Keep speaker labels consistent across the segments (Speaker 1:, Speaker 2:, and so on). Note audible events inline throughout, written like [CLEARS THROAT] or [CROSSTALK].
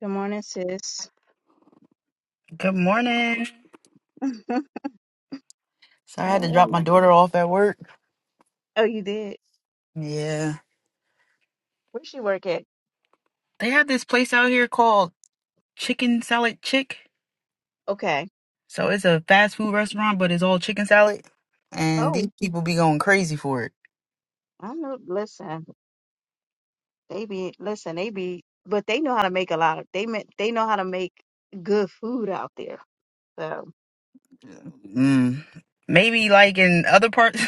Speaker 1: Good morning, sis.
Speaker 2: Good morning.
Speaker 1: [LAUGHS] How
Speaker 2: So I had to
Speaker 1: are
Speaker 2: drop my
Speaker 1: you?
Speaker 2: daughter off at work.
Speaker 1: Oh, you did.
Speaker 2: Yeah.
Speaker 1: Where she work at?
Speaker 2: They have this place out here called Chicken Salad Chick.
Speaker 1: Okay.
Speaker 2: So it's a fast food restaurant, but it's all chicken salad. And these
Speaker 1: Oh,
Speaker 2: people be going crazy for it.
Speaker 1: I know. Listen, they be listen. They be, but they know how to make a lot of. They ma- they know how to make good food out there. So
Speaker 2: Mm. Maybe like in other parts,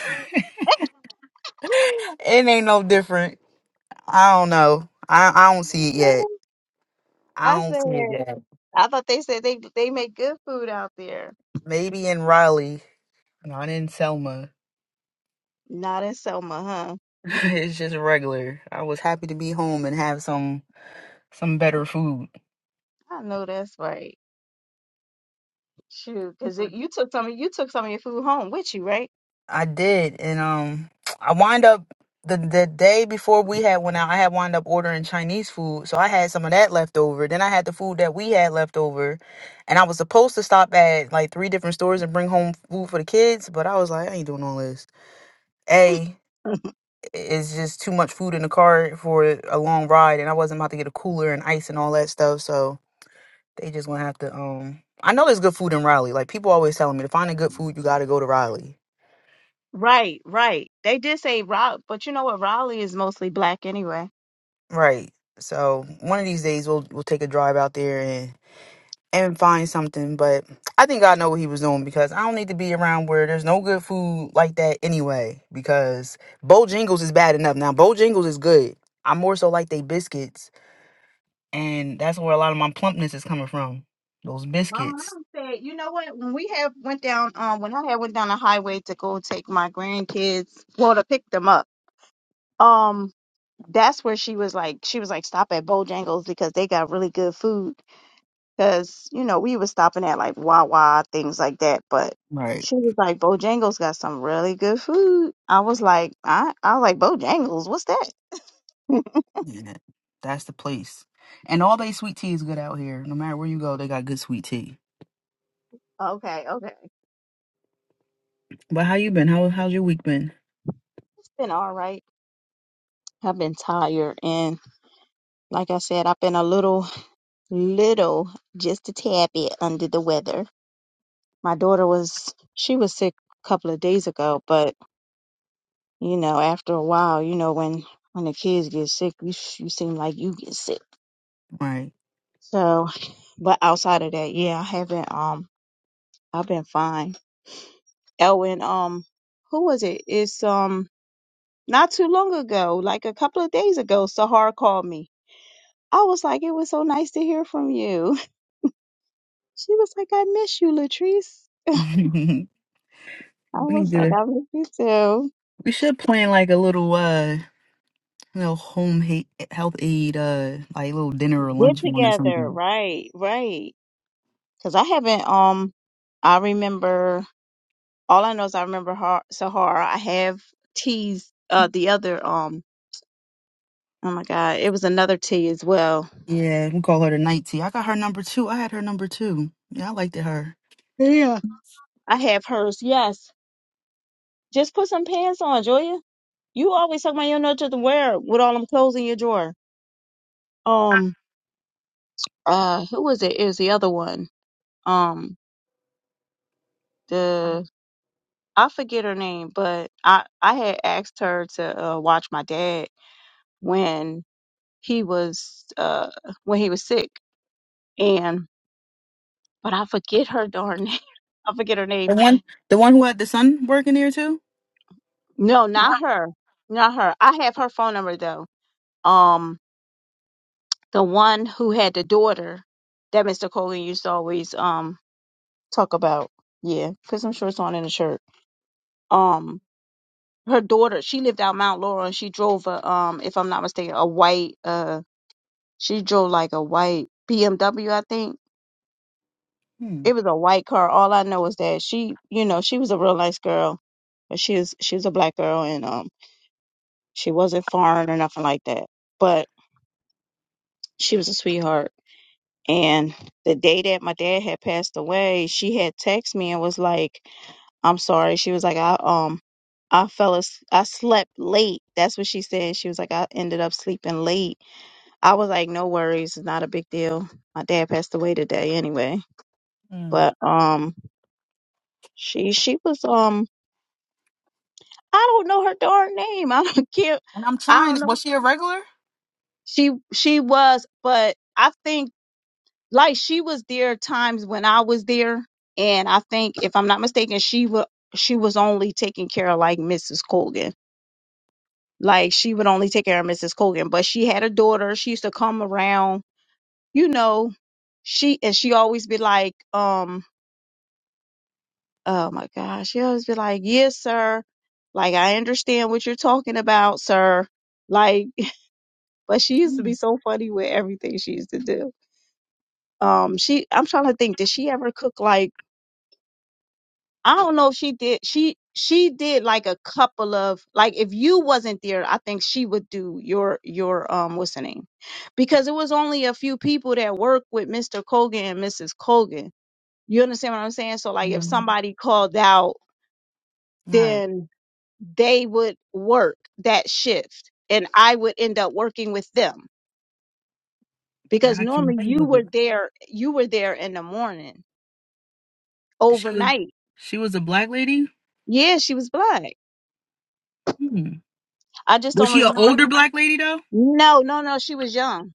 Speaker 2: [LAUGHS] it ain't no different. I don't know. I, I don't see it yet. I
Speaker 1: I
Speaker 2: don't
Speaker 1: said,
Speaker 2: see it yet.
Speaker 1: I thought they said they they make good food out there.
Speaker 2: Maybe in Raleigh, not in Selma.
Speaker 1: Not in Selma, huh?
Speaker 2: [LAUGHS] it's just regular. I was happy to be home and have some some better food.
Speaker 1: I know that's right. Shoot, because you took some of you took some of your food home with you, right?
Speaker 2: I did, and um, I wind up the the day before we had went out. I had wind up ordering Chinese food, so I had some of that left over. Then I had the food that we had left over, and I was supposed to stop at like three different stores and bring home food for the kids, but I was like, I ain't doing all this. A
Speaker 1: [LAUGHS]
Speaker 2: it's just too much food in the car for a long ride, and I wasn't about to get a cooler and ice and all that stuff. So they just gonna have to um. I know there's good food in Raleigh. Like people always telling me, to find a good food, you gotta go to Raleigh.
Speaker 1: Right, right. They did say Raleigh, but you know what? Raleigh is mostly black anyway.
Speaker 2: Right. So one of these days we'll we'll take a drive out there and and find something. But I think I know what he was doing because I don't need to be around where there's no good food like that anyway. Because Bojangles is bad enough. Now Bojangles is good. I more so like they biscuits, and that's where a lot of my plumpness is coming from. Those
Speaker 1: My
Speaker 2: biscuits.
Speaker 1: mom said, you know what? When we had went down, um, when I had went down the highway to go take my grandkids, well, to pick them up, um, that's where she was like, she was like, stop at Bojangles because they got really good food. Because, you know, we were stopping at like Wawa, things like that. But
Speaker 2: Right.
Speaker 1: she was like, Bojangles got some really good food. I was like, I, I was like, Bojangles, what's that?
Speaker 2: Yeah. That's the place. And all they sweet tea is good out here. No matter where you go, they got good sweet tea.
Speaker 1: Okay, okay.
Speaker 2: But how you been? How how's your week been?
Speaker 1: It's been all right. I've been tired. And like I said, I've been a little, little, just a tad bit under the weather. My daughter was, she was sick a couple of days ago, but You know, after a while, you know, when when the kids get sick, you sh- you seem like you get sick.
Speaker 2: Right.
Speaker 1: So, [LAUGHS] but outside of that, yeah, I haven't. Um, I've been fine. Elwin, um, who was it? It's um not too long ago, like a couple of days ago, Sahar called me. I was like, it was so nice to hear from you. [LAUGHS] She was like, I miss you, Latrice.
Speaker 2: [LAUGHS] we
Speaker 1: I was
Speaker 2: need
Speaker 1: like,
Speaker 2: to.
Speaker 1: I miss you too.
Speaker 2: We should plan like a little uh you know home hate, health aid uh like little dinner or
Speaker 1: Get
Speaker 2: lunch one or
Speaker 1: together,
Speaker 2: something.
Speaker 1: right, right. Because I haven't. Um, I remember. All I know is I remember Har- Sahara. I have teas. Uh, the other um, oh my god, it was another tea as well.
Speaker 2: Yeah, we call her the night tea. I got her number two. I had her number two. Yeah, I liked it her.
Speaker 1: Yeah, I have hers. Yes, just put some pants on, Julia. You always talk about you don't know what to wear with all them clothes in your drawer. Um, uh, who was it? It was the other one. Um, the I forget her name, but I I had asked her to uh, watch my dad when he was uh when he was sick, and but I forget her darn [LAUGHS] name. I forget her name.
Speaker 2: The one the one who had the son working there too?
Speaker 1: No, not her. Not her. I have her phone number though. Um, the one who had the daughter that Mr. Coley used to always um talk about. Yeah, put some shorts on and a shirt. Um, her daughter. She lived out Mount Laurel and she drove a um, if I'm not mistaken, a white uh, she drove like a white BMW. I think
Speaker 2: Hmm.
Speaker 1: it was a white car. All I know is that she, you know, she was a real nice girl, but she was she was a black girl and um She wasn't foreign or nothing like that. But she was a sweetheart. And the day that my dad had passed away, she had texted me and was like, I'm sorry. She was like, I um I fell as I slept late. That's what she said. She was like, I ended up sleeping late. I was like, No worries, it's not a big deal. My dad passed away today anyway.
Speaker 2: Mm.
Speaker 1: But um she she was um I don't know her darn name. [LAUGHS] I don't care.
Speaker 2: And I'm
Speaker 1: I
Speaker 2: trying
Speaker 1: don't know.
Speaker 2: was she a regular?
Speaker 1: She she was, but I think like she was there times when I was there, and I think if I'm not mistaken, she would she was only taking care of like Mrs. Colgan. Like she would only take care of Mrs. Colgan, but she had a daughter. She used to come around, you know. She and she always be like, um, oh my gosh, she always be like, yes, sir. Like I understand what you're talking about, sir. Like, [LAUGHS] but she used to be so funny with everything she used to do. Um, she I'm trying to think, did she ever cook like? I don't know if she did she she did like a couple of like if you wasn't there, I think she would do your your um what's her name? Because it was only a few people that worked with Mr. Colgan and Mrs. Colgan. You understand what I'm saying? So like if
Speaker 2: Mm.
Speaker 1: somebody called out,
Speaker 2: All right.
Speaker 1: then they would work that shift and I would end up working with them. Because
Speaker 2: I can not
Speaker 1: normally
Speaker 2: think
Speaker 1: you
Speaker 2: of
Speaker 1: were
Speaker 2: it.
Speaker 1: there you were there in the morning,
Speaker 2: She was
Speaker 1: overnight.
Speaker 2: she was a black lady?
Speaker 1: Yeah, she was black.
Speaker 2: Hmm.
Speaker 1: I just
Speaker 2: Was
Speaker 1: don't
Speaker 2: she an
Speaker 1: remember
Speaker 2: older black lady though?
Speaker 1: No, no, no. She was young.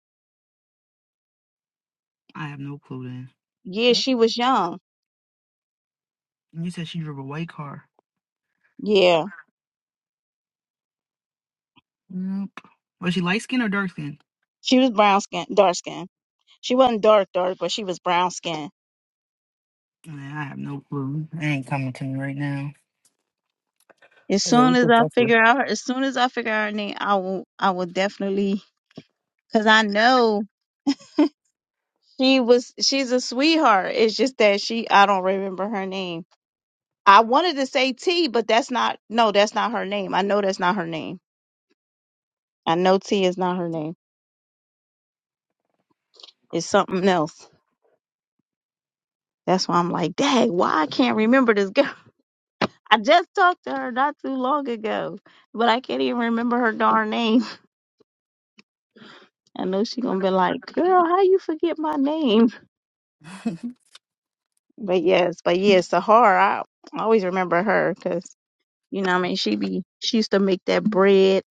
Speaker 2: I have no clue then.
Speaker 1: Yeah,
Speaker 2: Yep.
Speaker 1: she was young.
Speaker 2: And you said she drove a white car.
Speaker 1: Yeah,
Speaker 2: Nope. Was she light skinned or dark skinned?
Speaker 1: she was brown skin, dark skin. She wasn't dark, dark, but she was brown skin.
Speaker 2: Man, I have no clue. It ain't coming to me right now.
Speaker 1: As
Speaker 2: But yeah,
Speaker 1: soon
Speaker 2: we
Speaker 1: as
Speaker 2: could
Speaker 1: I
Speaker 2: definitely.
Speaker 1: figure out, her, as soon as I figure out her name, I will, I will definitely, cause I know she was, she's a sweetheart. It's just that she, I don't remember her name. I wanted to say T, but that's not, no, that's not her name. I know that's not her name. I know T is not her name. It's something else. That's why I'm like, dang, why I can't remember this girl. I just talked to her not too long ago, but I can't even remember her darn name. [LAUGHS] I know she gonna be like, "Girl, how you forget my name?"
Speaker 2: [LAUGHS]
Speaker 1: But yes, but yes, Sahara. I always remember her because you know, what I mean, she be she used to make that bread,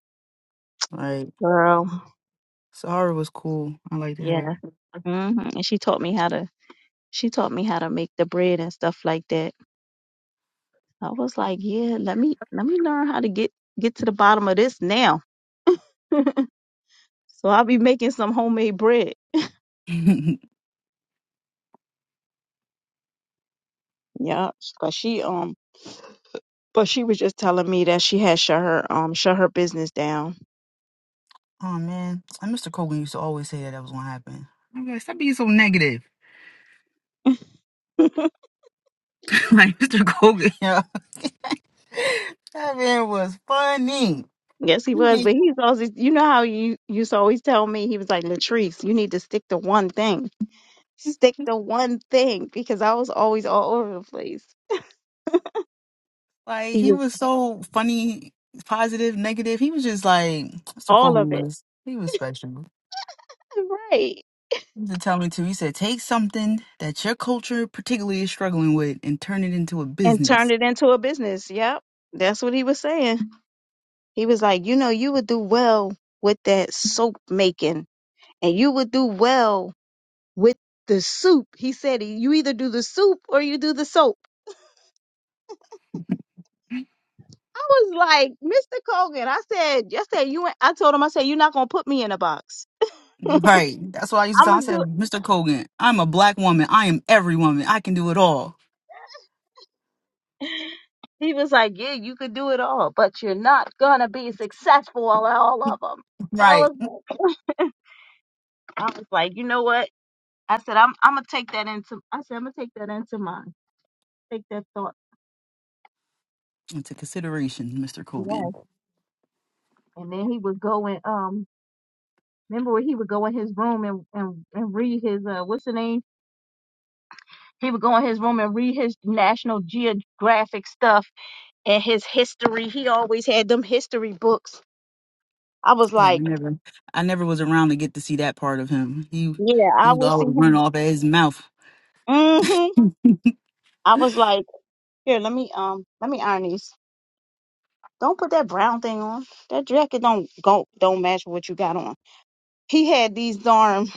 Speaker 2: Like,
Speaker 1: girl.
Speaker 2: Sahara was cool. I liked her.
Speaker 1: Yeah,
Speaker 2: [LAUGHS]
Speaker 1: hmm and she taught me how to she taught me how to make the bread and stuff like that. I was like, yeah, let me let me learn how to get get to the bottom of this now. [LAUGHS] so I'll be making some homemade bread.
Speaker 2: oh man,
Speaker 1: Yeah, but she um But she was just telling me that she had shut her um shut her business down.
Speaker 2: and Mr. Kogan used to always say that that was gonna happen. I'm like, stop being so negative.
Speaker 1: [LAUGHS]
Speaker 2: [LAUGHS] like Mr. Kogan, yo. [LAUGHS] that man was funny.
Speaker 1: yes, he was,
Speaker 2: [LAUGHS]
Speaker 1: but he's always you know how you used to always tell me he was like Latrice, you need to stick to one thing, stick to one thing because I was always all over the place.
Speaker 2: Like
Speaker 1: He
Speaker 2: he
Speaker 1: was
Speaker 2: was so funny, positive, negative. He was just like Mr.
Speaker 1: all
Speaker 2: Kogan
Speaker 1: of it,
Speaker 2: was. He was special.
Speaker 1: right?
Speaker 2: To tell me too, he said, take something that your culture particularly is struggling with and turn it into a
Speaker 1: And turned
Speaker 2: business.
Speaker 1: it into a business. Yep, that's what he was saying. He was like, you know, you would do well with that soap making, and you would do well with the soup. He said, you either do the soup or you do the soap I was like, Mr. Colgan, I said, I said, you, ain't- I told him, I said, you're not going to put me in a box.
Speaker 2: Right. That's what I used to
Speaker 1: I'm
Speaker 2: tell. him. I
Speaker 1: going to do
Speaker 2: said, Mr. Kogan, I'm a black woman. I am every woman. I can do it all.
Speaker 1: He was like, yeah, you could do it all, but you're not going to be successful at all of them. I
Speaker 2: Right.
Speaker 1: was like, I was like, you know what? I said, I'm, I'm going to take that into, I said, I'm going to take that into mine. Take that thought.
Speaker 2: Into consideration, Mr. Kogan.
Speaker 1: Yes. And then he would go and, um, remember when he would go in his room and, and, and read his, uh, what's the name? He would go in his room and read his National Geographic stuff and his history. He always had them history books. I was
Speaker 2: Yeah, I
Speaker 1: like,
Speaker 2: never I never was around to get to see that part of him. He
Speaker 1: yeah,
Speaker 2: he
Speaker 1: I
Speaker 2: would
Speaker 1: would see
Speaker 2: always run
Speaker 1: him.
Speaker 2: off at his mouth.
Speaker 1: hmm I was like, here, let me um, let me iron these. Don't put that brown thing on. That jacket don't go don't match what you got on. He had these darn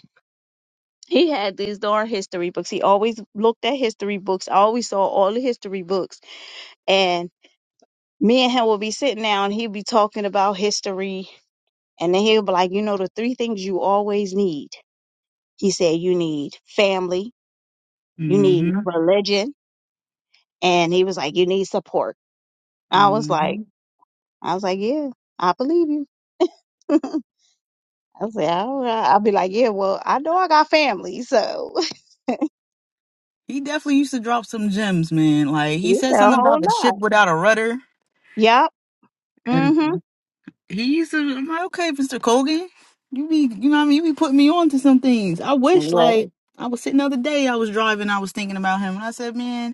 Speaker 1: he had these darn history books. He always looked at history books. I always saw all the history books. And me and him would be sitting down, and he'd be talking about history. And then he'll be like, you know, the three things you always need. He said, you need family, You need
Speaker 2: Mm-hmm.
Speaker 1: religion. And he was like, you need support. I was
Speaker 2: Mm-hmm.
Speaker 1: like, I was like, yeah, I believe you. [LAUGHS] I said, I don't know. I'll be like, yeah, well, I know I got family, so [LAUGHS]
Speaker 2: He definitely used to drop some gems, man. Like he
Speaker 1: yeah,
Speaker 2: said
Speaker 1: a
Speaker 2: something
Speaker 1: whole
Speaker 2: about the
Speaker 1: lot.
Speaker 2: ship without a rudder.
Speaker 1: Yep.
Speaker 2: and.
Speaker 1: Mm-hmm.
Speaker 2: He used to. I'm like, okay, Mister Colgan, you be, you know, what I mean, you be putting me on to some things. I wish,
Speaker 1: Right,
Speaker 2: like, I was sitting the other day, I was driving, I was thinking about him, and I said, man.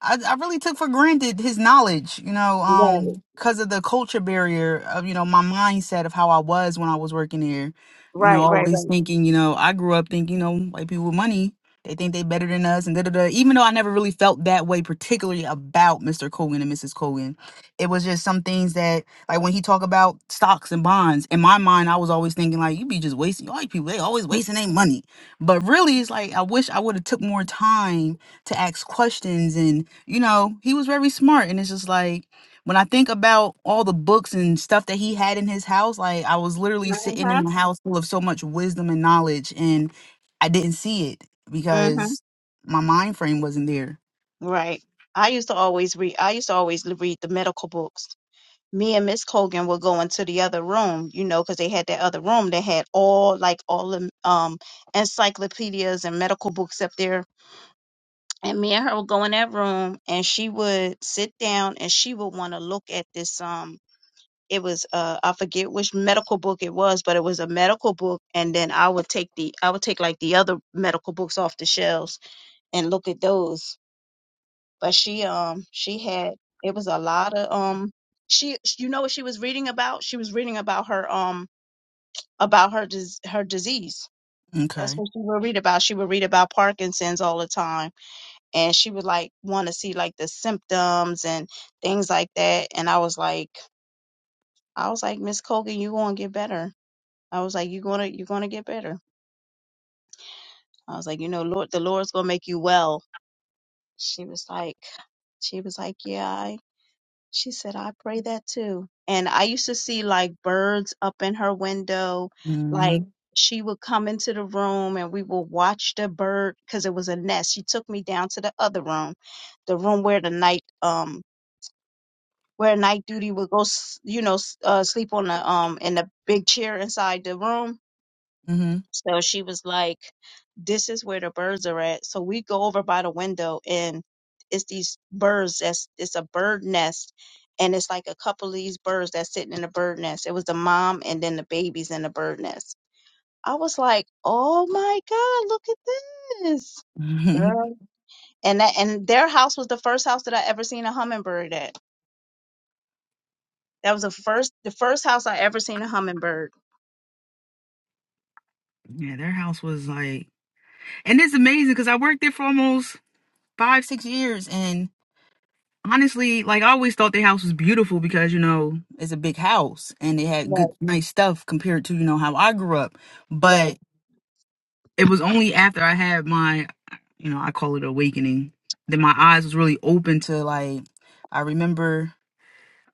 Speaker 2: I, I really took for granted his knowledge, you know,
Speaker 1: right,
Speaker 2: um, because of the culture barrier of, you know, my mindset of how I was when I was working here. You know,
Speaker 1: right, right,
Speaker 2: always
Speaker 1: right.
Speaker 2: thinking, you know, I grew up thinking, you know, white people with money, they think they better than us and da da da. Even though I never really felt that way, particularly about Mr. Cogan and Mrs. Cogan. It was just some things that, like when he talk about stocks and bonds, in my mind, I was always thinking like, you be just wasting, white people, they always wasting their money. But really, it's like, I wish I would have took more time to ask questions and you know, he was very smart. And it's just like when I think about all the books and stuff that he had in his house, like I was literally sitting
Speaker 1: Mm-hmm.
Speaker 2: in a house full of so much wisdom and knowledge, and I didn't see it
Speaker 1: Mm-hmm.
Speaker 2: because my mind frame wasn't there.
Speaker 1: Right. I used to always read. I used to always l- read the medical books. Me and Miss Colgan would go into the other room, you know, because they had that other room that had all like all the um encyclopedias and medical books up there and me and her would go in that room and she would sit down and she would want to look at this um it was uh i forget which medical book it was but it was a medical book and then i would take the i would take like the other medical books off the shelves and look at those but she um she had it was a lot of um she you know what she was reading about she was reading about her um about her dis- her disease that's
Speaker 2: Okay.
Speaker 1: what she would read about she would read about parkinson's all the time and she would like want to see like the symptoms and things like that and i was like i was like miss colgan you gonna get better i was like you gonna you gonna get better i was like you know lord the lord's gonna make you well she was like she was like yeah I, she said i pray that too and i used to see like birds up in her window like
Speaker 2: Mm-hmm.
Speaker 1: she would come into the room and we would watch the bird because it was a nest she took me down to the other room the room where the night um where night duty would go, s- you know, s- uh, sleep on the um in the big chair inside the room.
Speaker 2: Mm-hmm.
Speaker 1: So she was like, "This is where the birds are at." So we go over by the window, and it's these birds. That's it's a bird nest, and it's like a couple of these birds that's sitting in the bird nest. It was the mom and then the babies in the bird nest. I was like, "Oh my God, look at this!"
Speaker 2: [LAUGHS]
Speaker 1: Girl. And that and their house was the first house that I ever seen a hummingbird at. That was the first the first house I ever seen a hummingbird.
Speaker 2: yeah, their house was like, and it's amazing because I worked there for almost five, six years, and honestly, like I always thought the house was beautiful because you know it's a big house and they had good,
Speaker 1: Right,
Speaker 2: nice stuff compared to you know how I grew up.
Speaker 1: right,
Speaker 2: But it was only after I had my, you know, I call it awakening, that my eyes was really open to like. I remember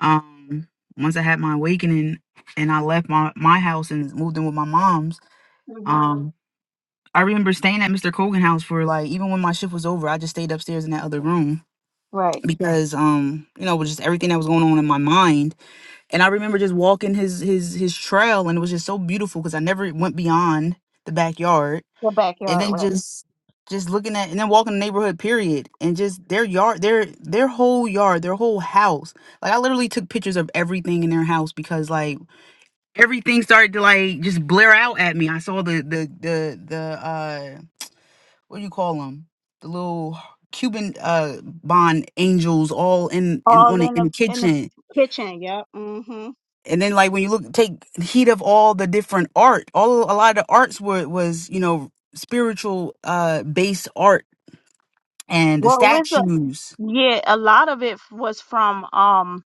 Speaker 2: um once I had my awakening and I left my my house and moved in with my mom's.
Speaker 1: hmm
Speaker 2: Um, I remember staying at Mr. Kogan house for like even when my shift was over, I just stayed upstairs in that other room
Speaker 1: right.
Speaker 2: because um you know with just everything that was going on in my mind and I remember just walking his his his trail, and it was just so beautiful because I never went beyond the backyard,
Speaker 1: The
Speaker 2: and
Speaker 1: backyard,
Speaker 2: then
Speaker 1: right.
Speaker 2: just just looking at and then walking the neighborhood period and just their yard their their whole yard their whole house like i literally took pictures of everything in their house because like everything started to like just blare out at me i saw the the the the uh what do you call them the little cuban uh bond angels all in in
Speaker 1: All
Speaker 2: on the,
Speaker 1: in
Speaker 2: in
Speaker 1: the
Speaker 2: the
Speaker 1: in the
Speaker 2: kitchen
Speaker 1: kitchen. Yep. hmm
Speaker 2: and then like when you look take heed of all the different art all a lot of the arts were was you know spiritual uh based art and the
Speaker 1: Well, with the
Speaker 2: statues
Speaker 1: yeah, a lot of it was from um.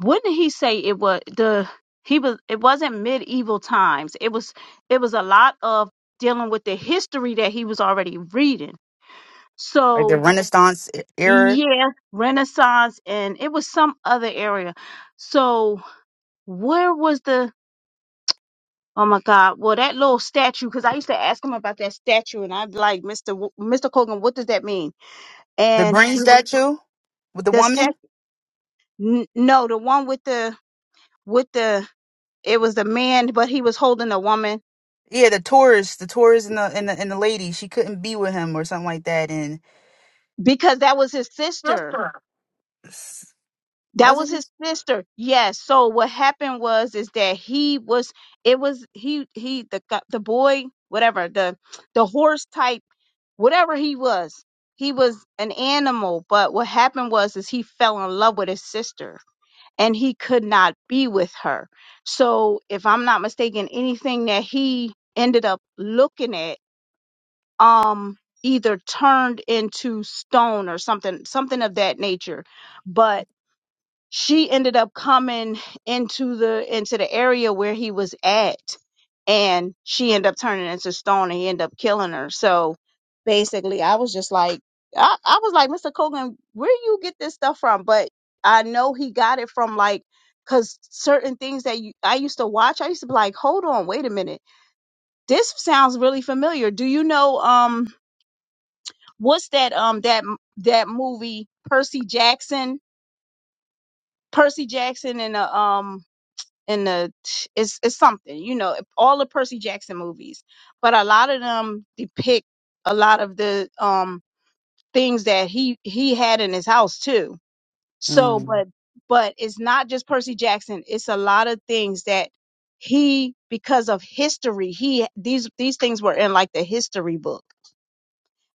Speaker 1: Wouldn't he say it was the he was it wasn't medieval times. It was it was a lot of dealing with the history that he was already reading.
Speaker 2: like the
Speaker 1: So
Speaker 2: renaissance e- era
Speaker 1: yeah, Renaissance and it was some other area. So where was the Oh my God. Well, that little statue, because I used to ask him about that statue, and I'd be like, Mr. W- Mr. Colgan, what does that mean?
Speaker 2: the
Speaker 1: And
Speaker 2: green
Speaker 1: he was
Speaker 2: statue with the
Speaker 1: the statue.
Speaker 2: woman
Speaker 1: N- no, the one with the with the it was the man, but he was holding a woman
Speaker 2: yeah the tourist the tourist and the and the, and the lady she couldn't be with him or something like that
Speaker 1: because that was his sister.
Speaker 2: Was
Speaker 1: That
Speaker 2: it?
Speaker 1: was his sister. Yes. So what happened was is that he was it was he he the gu- the boy whatever the the horse type whatever he was he was an animal but what happened was is he fell in love with his sister and he could not be with her so if i'm not mistaken anything that he ended up looking at um either turned into stone or something something of that nature but she ended up coming into the into the area where he was at and she ended up turning into stone and he ended up killing her so basically i was just like i, I was like mr Cogan, where you get this stuff from but i know he got it from like because certain things that you, i used to watch i used to be like hold on wait a minute this sounds really familiar do you know um what's that um that that movie percy jackson percy jackson and uh, um in the it's it's something you know all the percy jackson movies but a lot of them depict a lot of the um things that he he had in his house too so
Speaker 2: Mm.
Speaker 1: but but it's not just percy jackson it's a lot of things that he because of history he these these things were in like the history book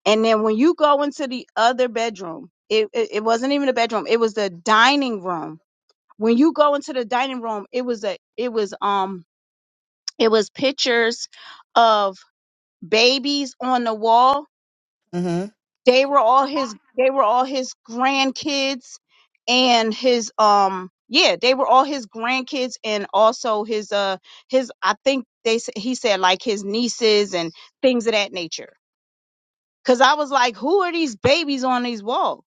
Speaker 1: and then when you go into the other bedroom it it, it wasn't even a bedroom it was the dining room when you go into the dining room it was a it was um it was pictures of babies on the wall.
Speaker 2: hmm
Speaker 1: They were all his they were all his grandkids and his um yeah, they were all his grandkids and also his uh his I think they s- he said like his nieces and things of that nature. Cuz I was like, who are these babies on these walls?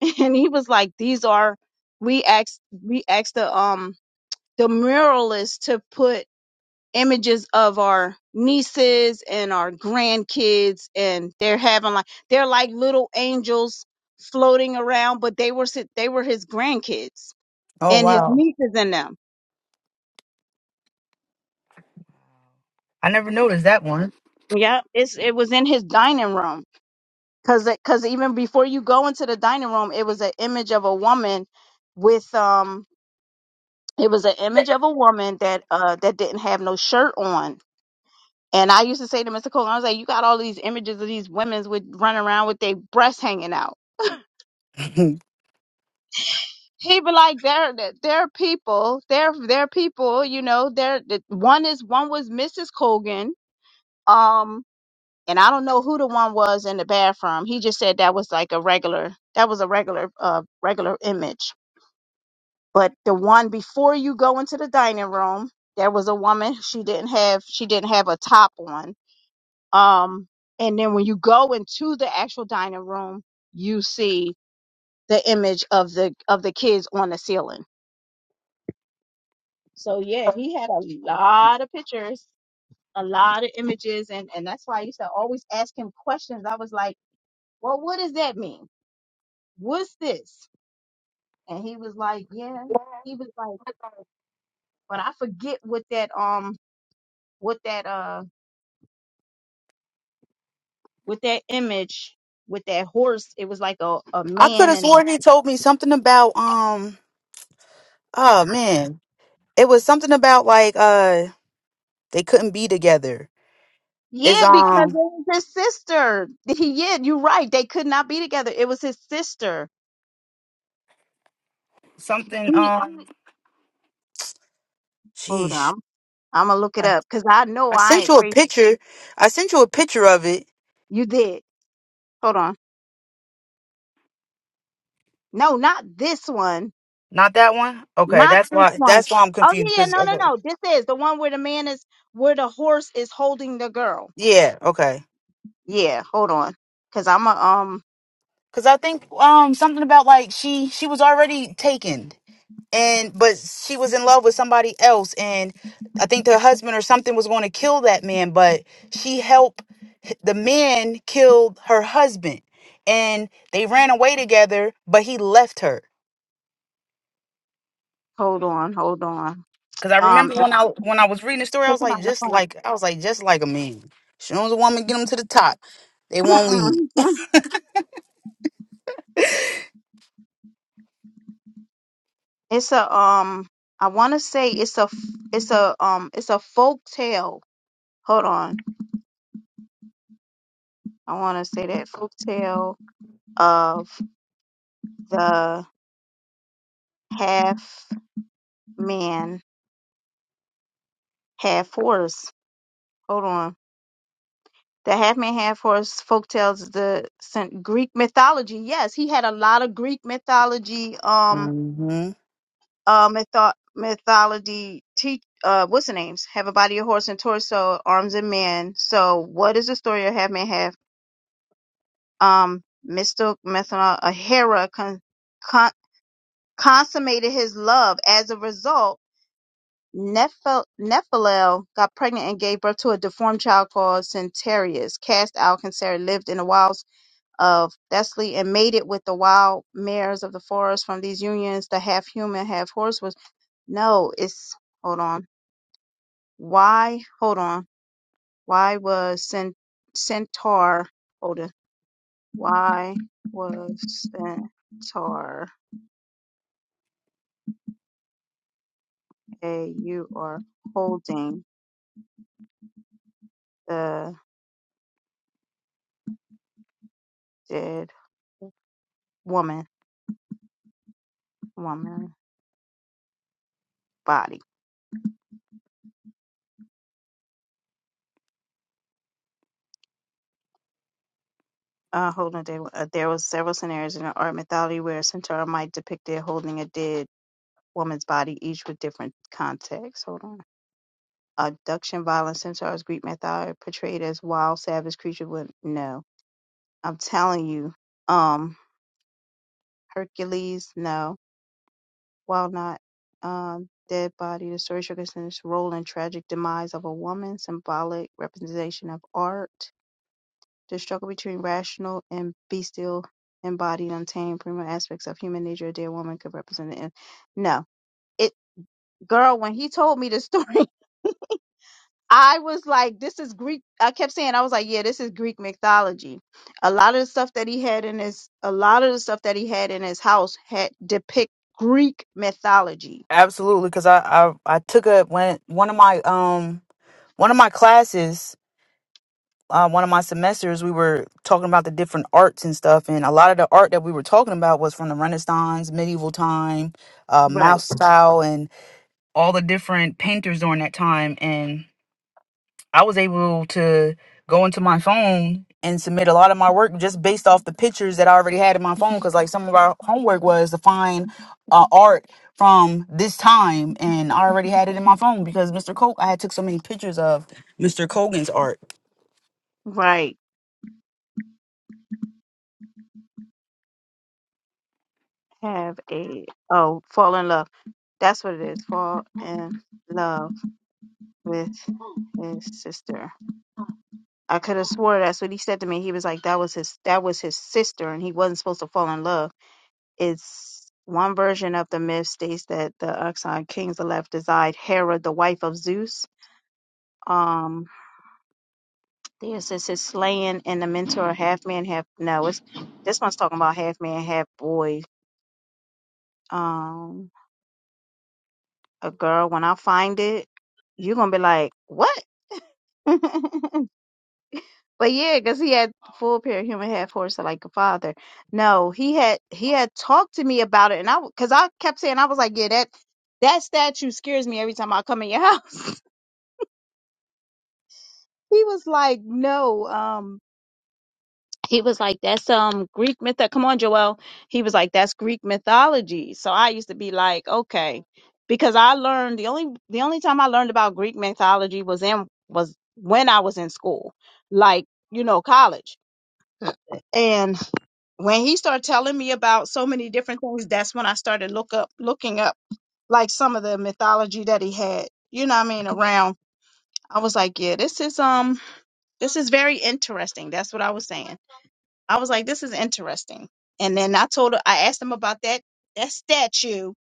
Speaker 1: [LAUGHS] And he was like, these are we asked we asked the um the muralist to put images of our nieces and our grandkids and they're having like they're like little angels floating around but they were si- they were his grandkids
Speaker 2: Oh
Speaker 1: and his
Speaker 2: wow.
Speaker 1: nieces and them
Speaker 2: I never noticed that one.
Speaker 1: yeah it's it was in his dining room cuz cuz even before you go into the dining room it was an image of a woman with um it was an image of a woman that uh that didn't have no shirt on and I used to say to Mr. Cole, I was like, you got all these images of these women's with running around with their breasts hanging out
Speaker 2: [LAUGHS] I
Speaker 1: he be like they're they're people they're they're people you know they're the- one is one was mrs colgan um and i don't know who the one was in the bathroom he just said that was like a regular that was a regular uh regular image but the one before you go into the dining room there was a woman she didn't have she didn't have a top on um and then when you go into the actual dining room you see the image of the of the kids on the ceiling So yeah, he had a lot of pictures, a lot of images, and and that's why I used to always ask him questions. I was like, "Well, what does that mean? What's this?" And he was like, "Yeah." He was like, "But I forget what that um, what that uh, what that image." With that horse, it was like a, a
Speaker 2: could
Speaker 1: man
Speaker 2: have
Speaker 1: and a
Speaker 2: sworn he told me something about um oh man. It was something about like uh they couldn't be together. It's
Speaker 1: yeah, because it
Speaker 2: um
Speaker 1: was his sister. [LAUGHS] Yeah, you're right. They could not be together. It was his sister.
Speaker 2: Something.
Speaker 1: He
Speaker 2: Um,
Speaker 1: hold
Speaker 2: sheesh.
Speaker 1: on, I'm gonna look it
Speaker 2: I,
Speaker 1: up because I know
Speaker 2: I
Speaker 1: I
Speaker 2: sent
Speaker 1: ain't
Speaker 2: you a
Speaker 1: crazy.
Speaker 2: picture. I sent you a picture of it.
Speaker 1: You did. Hold on. No, not this one.
Speaker 2: not that one. Okay,
Speaker 1: Not
Speaker 2: that's
Speaker 1: this
Speaker 2: why.
Speaker 1: one.
Speaker 2: That's why I'm
Speaker 1: Oh
Speaker 2: confused.
Speaker 1: yeah, yeah,
Speaker 2: Cause
Speaker 1: no, no,
Speaker 2: okay.
Speaker 1: no. This is the one where the man is where the horse is holding the girl.
Speaker 2: yeah, okay.
Speaker 1: Yeah, hold on. Cause I'm a um
Speaker 2: Cause I think um something about like she she was already taken. and but she was in love with somebody else and i think the husband or something was going to kill that man but she helped the man kill her husband and they ran away together but he left her
Speaker 1: hold on, hold on.
Speaker 2: because i
Speaker 1: Um
Speaker 2: remember
Speaker 1: it's
Speaker 2: when i when i was reading the story i
Speaker 1: it's
Speaker 2: was like
Speaker 1: about in
Speaker 2: just
Speaker 1: the
Speaker 2: like i was like just like a man soon as a woman get them to the top they won't leave
Speaker 1: front. [LAUGHS] it's a um I wanna say it's a f- it's a um it's a folk tale. Hold on. I wanna say that folk tale of the half man, half horse. Hold on. The half man, half horse folktales is the sen- Greek mythology. Yes, he had a lot of Greek mythology, um,
Speaker 2: hmm
Speaker 1: uh, mytho- mythology. Te- uh, what's the names? Have a body of horse and torso, arms and man. So, what is the story of half man, half? Um, mistook Methana, a Hera con- con- consummated his love. As a result, Nephil- Nephilim got pregnant and gave birth to a deformed child called Centarius. Cast out, Canceri lived in the wild of Thessaly and mated with the wild mares of the forest from these unions, the half human, half horse was. No, it's. Hold on. Why? Hold on. Why was cent- Centaur. Hold on. Why was Centaur a you are holding the dead woman, woman body? Uh, hold on. There, uh, there was several scenarios in the art mythology where a centaur might depict it holding a dead woman's body, each with different contexts. Hold on. Abduction, violence, centaurs, Greek mythology portrayed as wild, savage creature with no. I'm telling you, um, Hercules, no. While not um, dead body, the story showcases role in tragic demise of a woman, symbolic representation of art, the struggle between rational and bestial, embodied, untamed, primal aspects of human nature. A dead woman could represent the end. No, it girl. When he told me the story [LAUGHS] I was like, this is Greek. I kept saying, I was like, yeah, this is Greek mythology. A lot of the stuff that he had in his, a lot of the stuff that he had in his house had depict Greek mythology.
Speaker 2: absolutely because I, I i took a when one of my um one of my classes uh, one of my semesters, we were talking about the different arts and stuff, and a lot of the art that we were talking about was from the Renaissance, medieval time, uh,
Speaker 1: Right,
Speaker 2: mouse style, and all the different painters during that time. And I was able to go into my phone and submit a lot of my work just based off the pictures that I already had in my phone, because like some of our homework was to find uh, art from this time, and I already had it in my phone because Mr. Coke, I had took so many pictures of Mr. Colgan's art.
Speaker 1: right. Have a, oh, fall in love. That's what it is. Fall in love with his sister. I could have swore that's what he said to me. He was like, that was his, that was his sister and he wasn't supposed to fall in love. it's one version of the myth states that the Uxan kings of left desired Hera, the wife of Zeus. Um, this is his slaying and the mentor, half man, half no. It's this one's talking about half man, half boy. Um, a girl. When I find it, you're gonna be like, what? [LAUGHS] but yeah, because he had full pair of human, half horse, so like a father. No, he had he had talked to me about it, and I because I kept saying I was like, yeah, that that statue scares me every time I come in your [LAUGHS] house. He was like, no, um, he was like, that's um Greek myth. Come on, Joel. He was like, that's Greek mythology. So I used to be like, okay, because I learned the only the only time I learned about Greek mythology was in was when I was in school, like you know, college. And when he started telling me about so many different things, that's when I started look up looking up like some of the mythology that he had. You know what I mean? Around, I was like, yeah, this is um, this is very interesting. That's what I was saying I was like, this is interesting. And then I told her, I asked him about that that statue,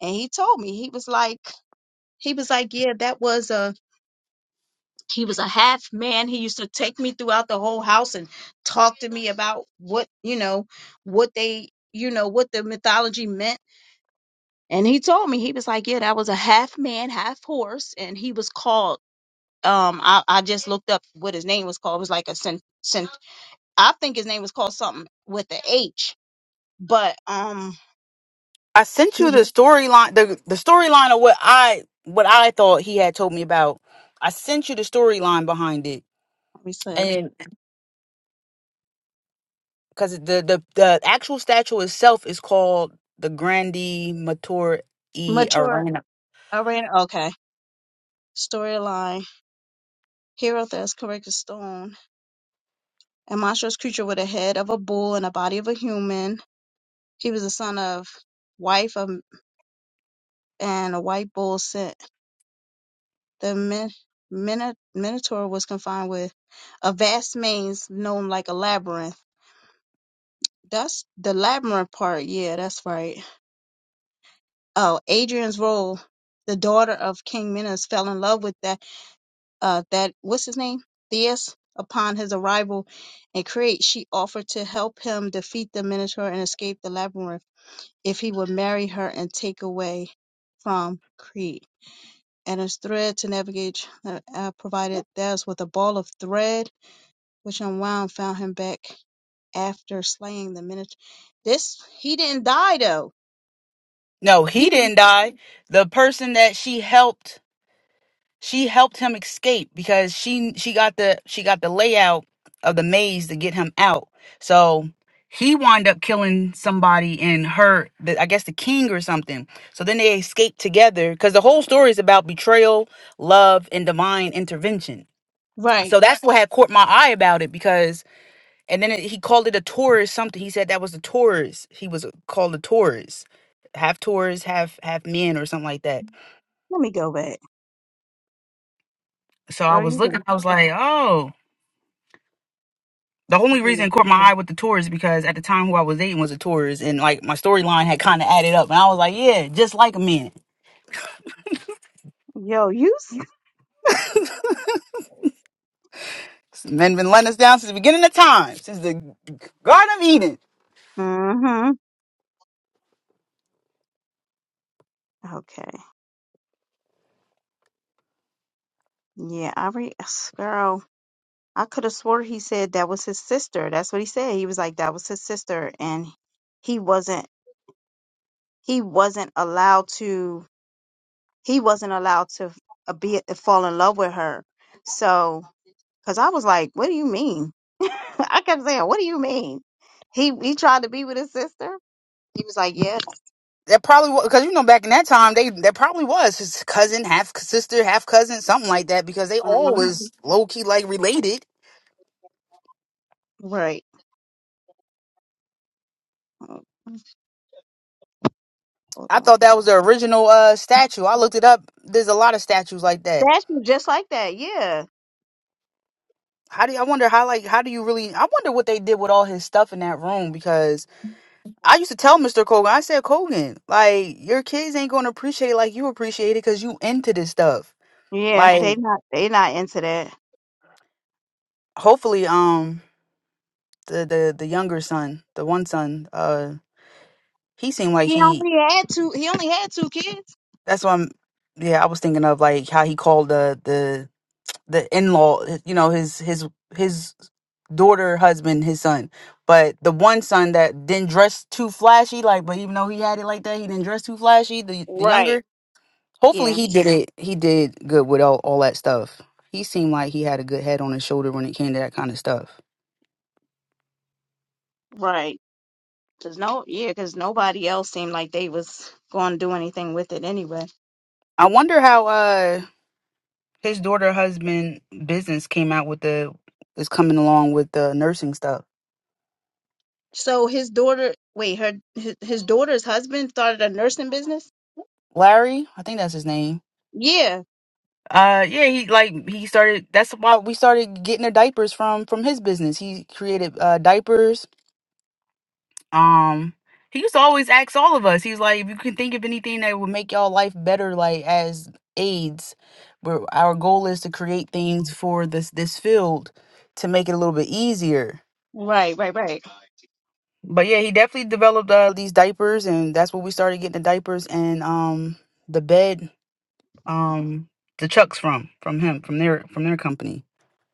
Speaker 1: and he told me he was like, he was like, yeah, that was a he was a half man. He used to take me throughout the whole house and talk to me about what you know, what they you know what the mythology meant. And he told me he was like, yeah, that was a half man, half horse, and he was called. Um, I, I just looked up what his name was called. It was like a cent, cent. I think his name was called something with the H, but um
Speaker 2: I sent you
Speaker 1: Let
Speaker 2: the storyline the the storyline of what I what I thought he had told me about. I sent you the storyline behind it.
Speaker 1: me see.
Speaker 2: And cuz the the the actual statue itself is called the Grandi Mator e
Speaker 1: Mature
Speaker 2: Arena.
Speaker 1: I ran. Okay. Storyline. Hero that's correct as stone. A monstrous creature with a head of a bull and a body of a human. He was the son of wife of and a white bull sent. The min, mino, minotaur was confined with a vast maze known like a labyrinth. That's the labyrinth part. Yeah, that's right. Oh, Adrian's role, the daughter of King Minos, fell in love with that. uh, that what's his name Theus upon his arrival in Crete, she offered to help him defeat the Minotaur and escape the labyrinth if he would marry her and take away from Crete. And his thread to navigate uh, uh, provided Theus with a ball of thread, which unwound found him back after slaying the Minotaur. This he didn't die though.
Speaker 2: No, he
Speaker 1: He
Speaker 2: didn't die. The person that she helped She helped him escape because she she got the she got the layout of the maze to get him out. So he wound up killing somebody and her, the, I guess the king or something. So then they escaped together because the whole story is about betrayal, love, and divine intervention.
Speaker 1: right.
Speaker 2: So that's what had caught my eye about it because, and then it, he called it a Taurus something. He said that was a Taurus. He was called a Taurus, half Taurus, half half men or something like that.
Speaker 1: Let me go back.
Speaker 2: So I
Speaker 1: Girl,
Speaker 2: was
Speaker 1: you
Speaker 2: looking,
Speaker 1: can-
Speaker 2: I was like, oh. The only reason
Speaker 1: yeah.
Speaker 2: it caught my eye with the tour is because at the time who I was dating was a tourist, and like my storyline had kind of added up, and I was like, yeah, just like men.
Speaker 1: Yo, you. s-
Speaker 2: Men been letting us down since the beginning of time, since the Garden of Eden.
Speaker 1: Mhm. Okay. Yeah, I re [SIGHS] girl. I could have swore he said that was his sister. That's what he said. He was like that was his sister, and he wasn't. He wasn't allowed to. He wasn't allowed to uh, be uh, fall in love with her. So, because I was like, what do you mean? [LAUGHS] I kept saying, what do you mean? He he tried to be with his sister. He was like, yes,
Speaker 2: That probably was, because you know back in that time they that probably was his cousin, half sister, half cousin, something like that, because they all
Speaker 1: Mhm.
Speaker 2: was low key like related.
Speaker 1: right. Oh, Hold
Speaker 2: I thought
Speaker 1: on.
Speaker 2: that was the original uh statue. I looked it up. There's a lot of statues like that.
Speaker 1: That's just like that. Yeah,
Speaker 2: How do you, I wonder how like how do you really I wonder what they did with all his stuff in that room because I used to tell Mr. Colgan, I said, Colgan, like your kids ain't gonna appreciate it like you appreciate it because you into this stuff.
Speaker 1: yeah.
Speaker 2: Like
Speaker 1: They
Speaker 2: Mhm.
Speaker 1: not. They not into that.
Speaker 2: hopefully, um, the the the younger son, the one son, uh, he seemed like
Speaker 1: He
Speaker 2: he.
Speaker 1: only had two. He only had two kids.
Speaker 2: That's what I'm. Yeah, I was thinking of like how he called the the the in law, you know, his his his daughter, husband, his son. But the one son that didn't dress too flashy, like, but even though he had it like that, he didn't dress too flashy. The the younger,
Speaker 1: Right,
Speaker 2: Hopefully
Speaker 1: Yeah,
Speaker 2: he did it. He did good with all, all that stuff. He seemed like he had a good head on his shoulder when it came to that kind of stuff.
Speaker 1: right. Cause no, yeah, cause nobody else seemed like they was going to do anything with it anyway.
Speaker 2: I wonder how uh his daughter husband business came out with the is coming along with the nursing stuff.
Speaker 1: So his daughter, wait, her his, his daughter's husband started a nursing business.
Speaker 2: Larry, I think that's his name.
Speaker 1: Yeah,
Speaker 2: Uh yeah, he like he started that's why we started getting the diapers from from his business. He created uh diapers Um, he used to always ask all of us. He's like, if you can think of anything that would make y'all life better, like as aides, where our goal is to create things for this this field to make it a little bit easier.
Speaker 1: right, right, right.
Speaker 2: But yeah, he definitely developed uh, these diapers, and that's where we started getting the diapers and um the bed um the chucks from from him from their from their company.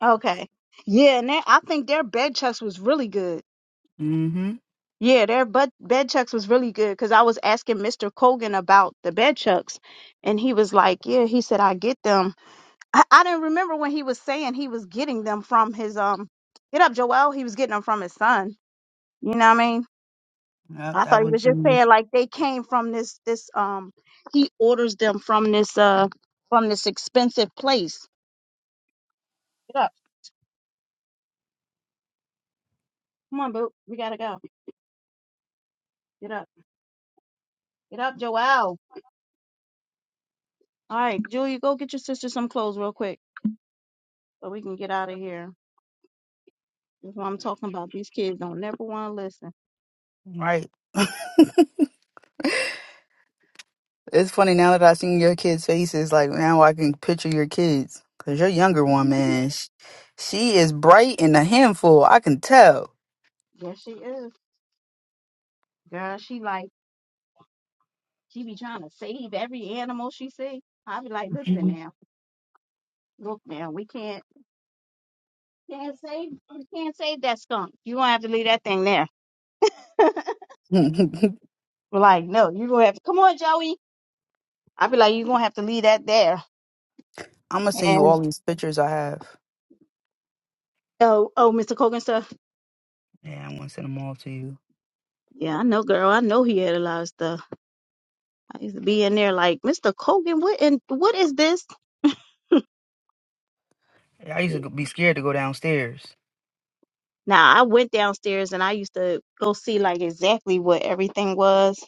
Speaker 1: Okay. Yeah, and that, I think their bed checks was really good.
Speaker 2: Mm-hmm.
Speaker 1: Yeah, their bed bed checks was really good because I was asking Mr. Colgan about the bed checks, and he was like, "Yeah," he said, "I get them." I, I didn't remember when he was saying he was getting them from his um get up Joel, he was getting them from his son. You know what I mean?
Speaker 2: Yep,
Speaker 1: I
Speaker 2: that
Speaker 1: thought he
Speaker 2: would
Speaker 1: was just
Speaker 2: be
Speaker 1: saying like they came from this this um he orders them from this uh from this expensive place. Get up. Come on, boo. We gotta go. Get up. Get up, Joel. All right, Julie, go get your sister some clothes real quick so we can get out of here. That's what I'm talking about. These kids don't never wanna listen. [LAUGHS]
Speaker 2: right. [LAUGHS] It's funny now that I seen your kids' faces. Like now I can picture your kids. Cause your younger one,
Speaker 1: Mhm.
Speaker 2: man, she, she is bright and a handful. I can tell.
Speaker 1: Yes, she is. Girl, she like She be trying to save every animal she see. I be like,
Speaker 2: [LAUGHS]
Speaker 1: listen
Speaker 2: I'm
Speaker 1: now, look now, we can't can't save we can't save that skunk. You gonna have to leave that thing there. [LAUGHS] We're
Speaker 2: gonna
Speaker 1: like, no, you gonna have to come on, Joey. I be like, you gonna have to leave that there.
Speaker 2: send you
Speaker 1: And
Speaker 2: all these pictures I have.
Speaker 1: oh, oh, Mr. Cogan stuff.
Speaker 2: Yeah, I'm gonna send them all to you.
Speaker 1: Yeah, I know, girl. I know he had a lot of stuff. I used to be in there like, Mr. Cogan, what and what is this?
Speaker 2: Yeah, I used to go- be scared to go downstairs.
Speaker 1: Now I went downstairs and I used to go see like exactly what everything was.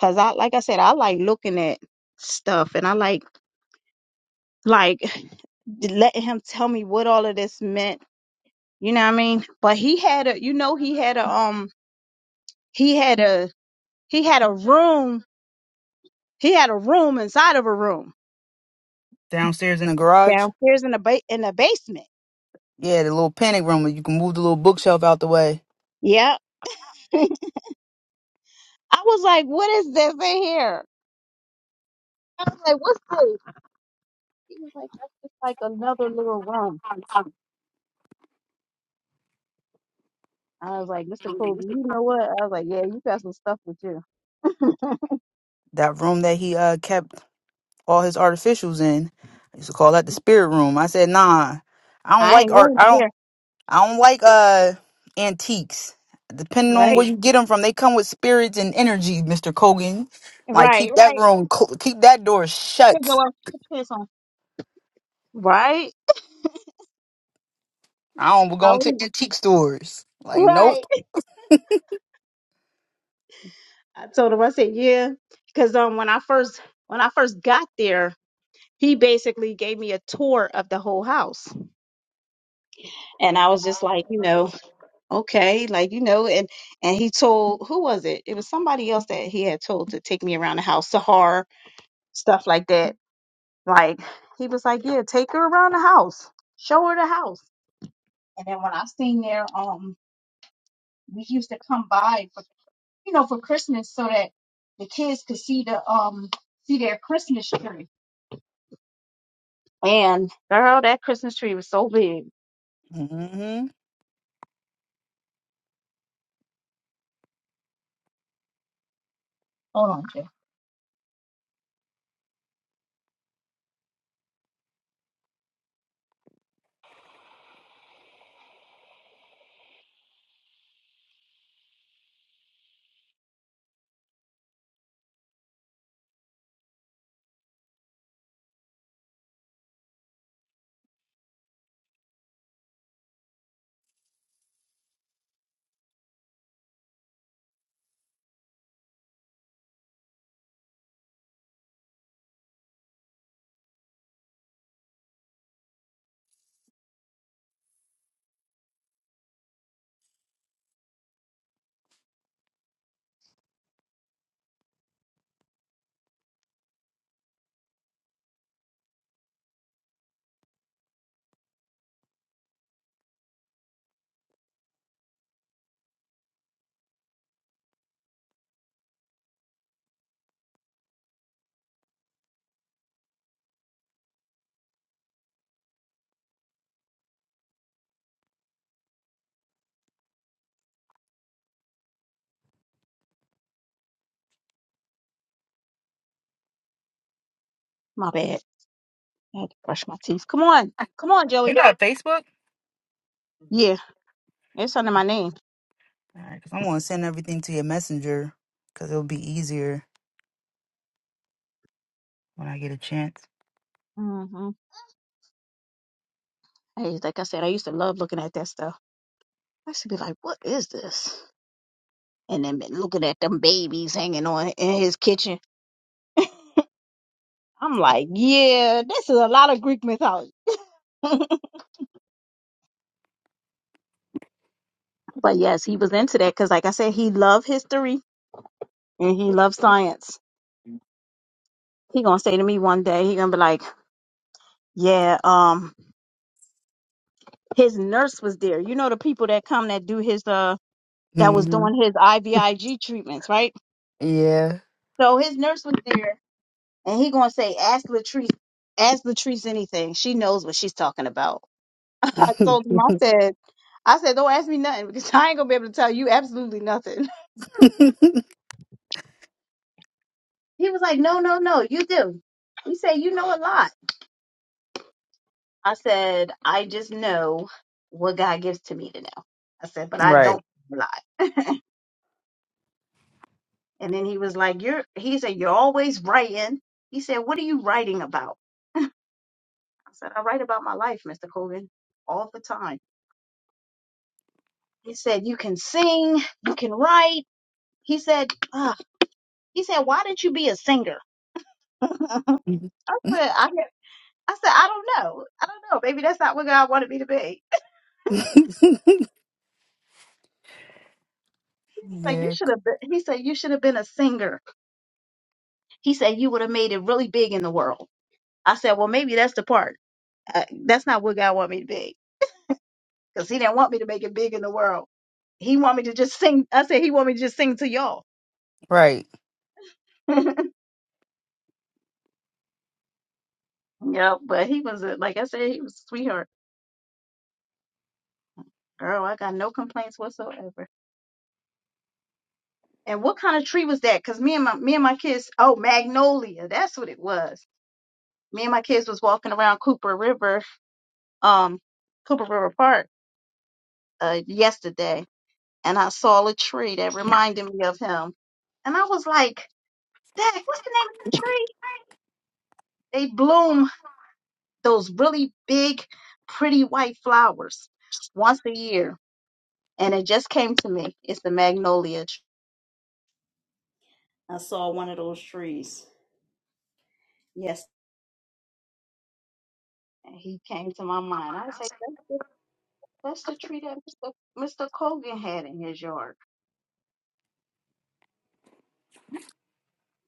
Speaker 1: Cause I like I said, I like looking at stuff and I like like letting him tell me what all of this meant. You know what I mean? But he had a, you know, he had a, um, he had a, he had a room. He had a room inside of a room
Speaker 2: Downstairs in the garage.
Speaker 1: downstairs in the ba- in the basement.
Speaker 2: Yeah, the little panic room where you can move the little bookshelf out the way.
Speaker 1: Yeah. [LAUGHS] I was like, what is this in here? I was like, what's this? He was like, that's just like another little room. I was like, Mr. Colby, you know what? I was like, yeah, you got some stuff with you.
Speaker 2: That room that he uh kept all his artificials in. I used to call that the spirit room. I said, nah, I don't
Speaker 1: I
Speaker 2: like
Speaker 1: ain't
Speaker 2: art.
Speaker 1: going
Speaker 2: I don't.
Speaker 1: there.
Speaker 2: I don't like uh antiques. Depending on where
Speaker 1: Right.
Speaker 2: you get them from, they come with spirits and energy, Mister Kogan. Like
Speaker 1: Right.
Speaker 2: keep that
Speaker 1: Right.
Speaker 2: room, cl- keep that door
Speaker 1: Here go
Speaker 2: shut.
Speaker 1: our pants on. Right.
Speaker 2: I don't we going to antique stores. Like
Speaker 1: Right.
Speaker 2: nope.
Speaker 1: [LAUGHS] I told him, I said, yeah. Cause um when I first when I first got there, he basically gave me a tour of the whole house. And I was just like, you know, okay, like, you know, and and he told who was it? It was somebody else that he had told to take me around the house, Sahar, stuff like that. Like he was like, Yeah, take her around the house. Show her the house. And then when I seen there, um, we used to come by you know, for Christmas so that the kids could see the um see their Christmas tree. And girl, that Christmas tree was so big.
Speaker 2: hmm
Speaker 1: Hold on, Joe. My bad. I had to brush my teeth. Come on. Come on,
Speaker 2: You
Speaker 1: Joey.
Speaker 2: got a Facebook?
Speaker 1: Yeah, it's under my name.
Speaker 2: All right, because I want to send everything to your messenger because it'll be easier when I get a chance.
Speaker 1: mm hmm Hey, like I said, I used to love looking at that stuff. I used to be like, what is this? And then been looking at them babies hanging on in his kitchen. I'm like, yeah, this is a lot of Greek mythology. [LAUGHS] but yes, he was into that because, like I said, he loved history and he loved science. He gonna say to me one day, he gonna be like, Yeah, um, his nurse was there. You know the people that come that do his uh that was
Speaker 2: hmm
Speaker 1: doing his IVIG treatments, right?
Speaker 2: Yeah.
Speaker 1: So his nurse was there and he gonna say, Ask Latrice ask Latrice anything. She knows what she's talking about. [LAUGHS] I told
Speaker 2: [LAUGHS]
Speaker 1: him, I said, I said, Don't ask me nothing because [LAUGHS] I ain't gonna be able to tell you absolutely nothing. [LAUGHS] He was like, No, no, no, you do. You say you know a lot. I said, I just know what God gives to me to know. I said, but I
Speaker 2: right.
Speaker 1: don't lie. [LAUGHS] and then he was like, You're he said, You're always writing. He said, What are you writing about? I said, I write about my life, Mr. Colvin, all the time. He said, You can sing, you can write. He said, "Ugh." he said, Why didn't you be a singer?
Speaker 2: [LAUGHS]
Speaker 1: I said, I I said, I don't know. I don't know. Maybe that's not what God wanted me to be. [LAUGHS] He was like, You
Speaker 2: yeah.
Speaker 1: should have been he said, You should have been a singer. He said, You would have made it really big in the world. I said, well, maybe that's the part. Uh, that's not what God want me to be, because He didn't want me to make it big in the world. He want me to just sing. I said He want me to just sing to y'all.
Speaker 2: Right.
Speaker 1: [LAUGHS] yeah, but he was a, like I said, he was a sweetheart. Girl, I got no complaints whatsoever. And what kind of tree was that? Because me and my me and my kids, oh magnolia, that's what it was. Me and my kids was walking around Cooper River, um, Cooper River Park, uh, yesterday, and I saw a tree that [LAUGHS] reminded me of him. And I was like, that what's the name of that tree? They bloom those really big, pretty white flowers once a year. And it just came to me. It's the magnolia tree. I saw one of those trees. Yes. And he came to my mind. I was like, that's the, that's the tree that Mr. Mr. Colgan had in his yard.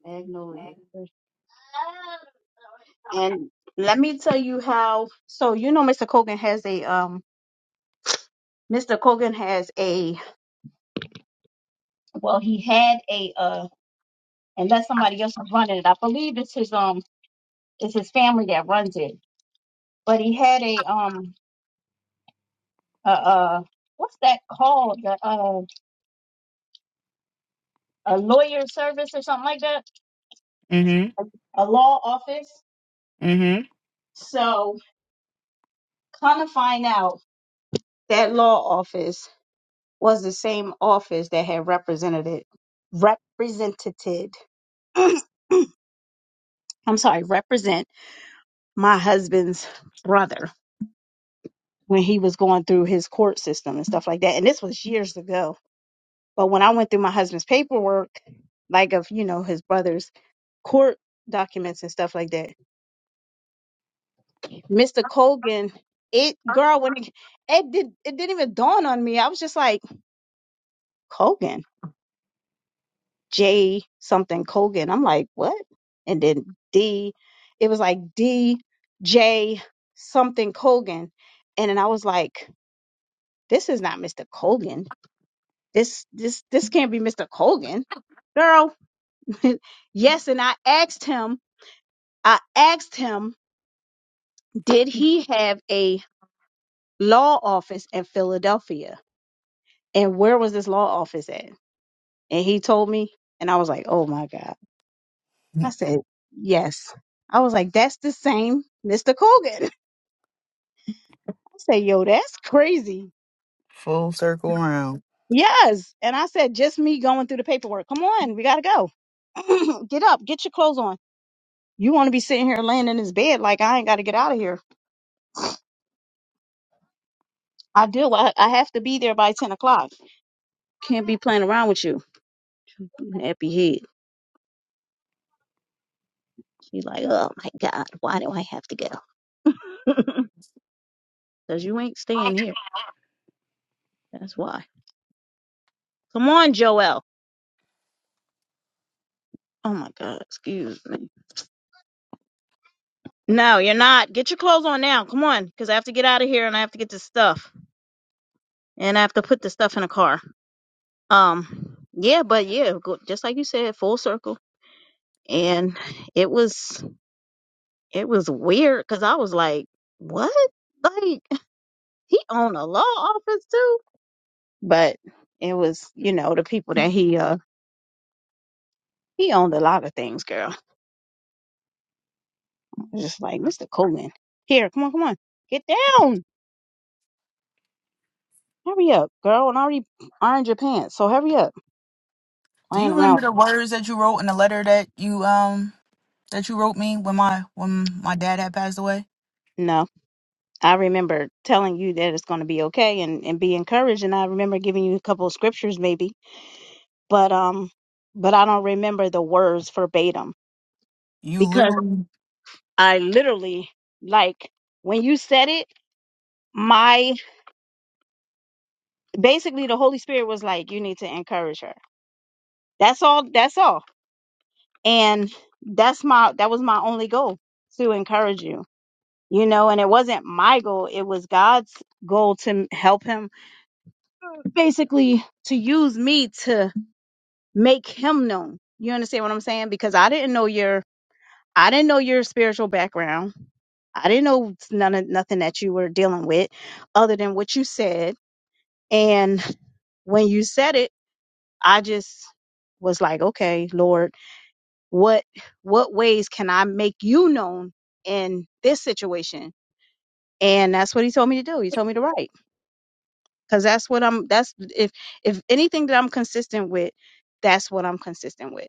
Speaker 1: Magnolia tree. And let me tell you how. So you know, Mr. Colgan has a um. Mr. Colgan has a well. He had a uh unless somebody else is running it. I believe it's his um it's his family that runs it. But he had a um a uh what's that called? A, uh a lawyer service or something like that?
Speaker 2: Mm-hmm.
Speaker 1: A, a law office.
Speaker 2: Mm-hmm.
Speaker 1: So kind of find out that law office was the same office that had represented it represented [CLEARS THROAT] I'm sorry, represent my husband's brother when he was going through his court system and stuff like that. And this was years ago But when I went through my husband's paperwork, like of, you know, his brother's court documents and stuff like that, Mr. Colgan, it girl, when it, it did it didn't even dawn on me. I was just like, Colgan, J something Colgan. I'm like, what? And then D, it was like D J something Colgan. And then I was like, this is not Mr. Colgan. This this this can't be Mr. Colgan. Girl, [LAUGHS] yes, and I asked him I asked him, did he have a law office in Philadelphia? And where was this law office at? And he told me, and I was like, oh my God. I said, yes. I was like, that's the same Mr. Colgan. [LAUGHS] I said, yo, that's crazy.
Speaker 2: [LAUGHS] Full circle round.
Speaker 1: Yes. And I said, just me going through the paperwork. Come on, we got to go. [CLEARS THROAT] get up, get your clothes on. You want to be sitting here laying in this bed like I ain't got to get out of here. I do. I, I have to be there by 10 o'clock. Can't be playing around with you. Happy head. You're like, oh my God, why do I have to go? [LAUGHS] Because you ain't staying here. That's why. Come on, Joelle. Oh my God, excuse me. No, you're not. Get your clothes on now. Come on, because I have to get out of here and I have to get this stuff. And I have to put the stuff in a car. Um, yeah, but yeah, go, just like you said, full circle. And it was, it was weird because I was like, what? Like, he owned a law office too? But it was, you know, the people that he, uh, he owned a lot of things, girl was just like, Mr. Coleman, here, come on, come on, get down. Hurry up, girl, and already ironed your pants, so hurry up.
Speaker 2: Do you
Speaker 1: Playing
Speaker 2: remember
Speaker 1: around.
Speaker 2: the words that you wrote in the letter that you um that you wrote me when my when my dad had passed away?
Speaker 1: No, I remember telling you that it's going to be okay and, and be encouraged, and I remember giving you a couple of scriptures maybe, but um, but I don't remember the words verbatim
Speaker 2: You
Speaker 1: because
Speaker 2: literally.
Speaker 1: I literally like when you said it, my basically the Holy Spirit was like, you need to encourage her. That's all. That's all and that's my that was my only goal to encourage you you know and it wasn't my goal it was god's goal to m- help him basically to use me to make him known you understand what i'm saying because i didn't know your i didn't know your spiritual background i didn't know none of nothing that you were dealing with other than what you said and when you said it i just was like okay lord what what ways can I make you known in this situation? And that's what he told me to do. He told me to write because that's what I'm. That's if if anything that I'm consistent with, that's what I'm consistent with.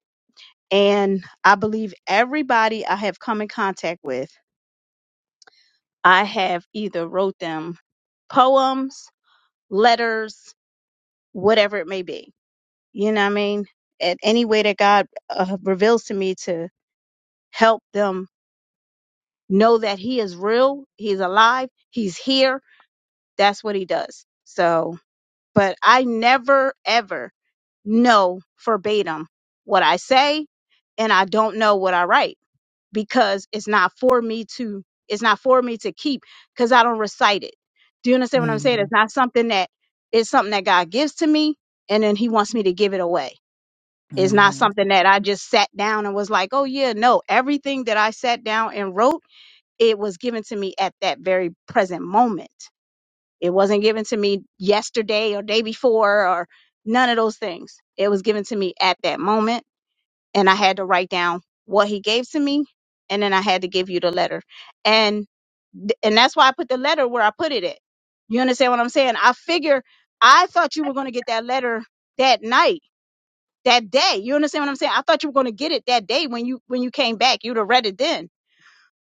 Speaker 1: And I believe everybody I have come in contact with, I have either wrote them poems, letters, whatever it may be. You know what I mean? At any way that God uh, reveals to me to help them know that he is real, he's alive, he's here. That's what he does. So, but I never ever know verbatim what I say and I don't know what I write because it's not for me to it's not for me to keep because I don't recite it. Do you understand what I'm saying?
Speaker 2: Mm-hmm.
Speaker 1: It's not something that it's something that God gives to me and then he wants me to give it away. It's not
Speaker 2: Yeah,
Speaker 1: something that I just sat down and was like, oh yeah, no, everything that I sat down and wrote it was given to me at that very present moment. It wasn't given to me yesterday or day before or none of those things. It was given to me at that moment and I had to write down what he gave to me and then I had to give you the letter. And th- and that's why I put the letter where I put it at. You understand what I'm saying? I figure I thought you were going to get that letter that night, that day. You understand what I'm saying? I thought you were going to get it that day when you when you came back. You'd have read it then.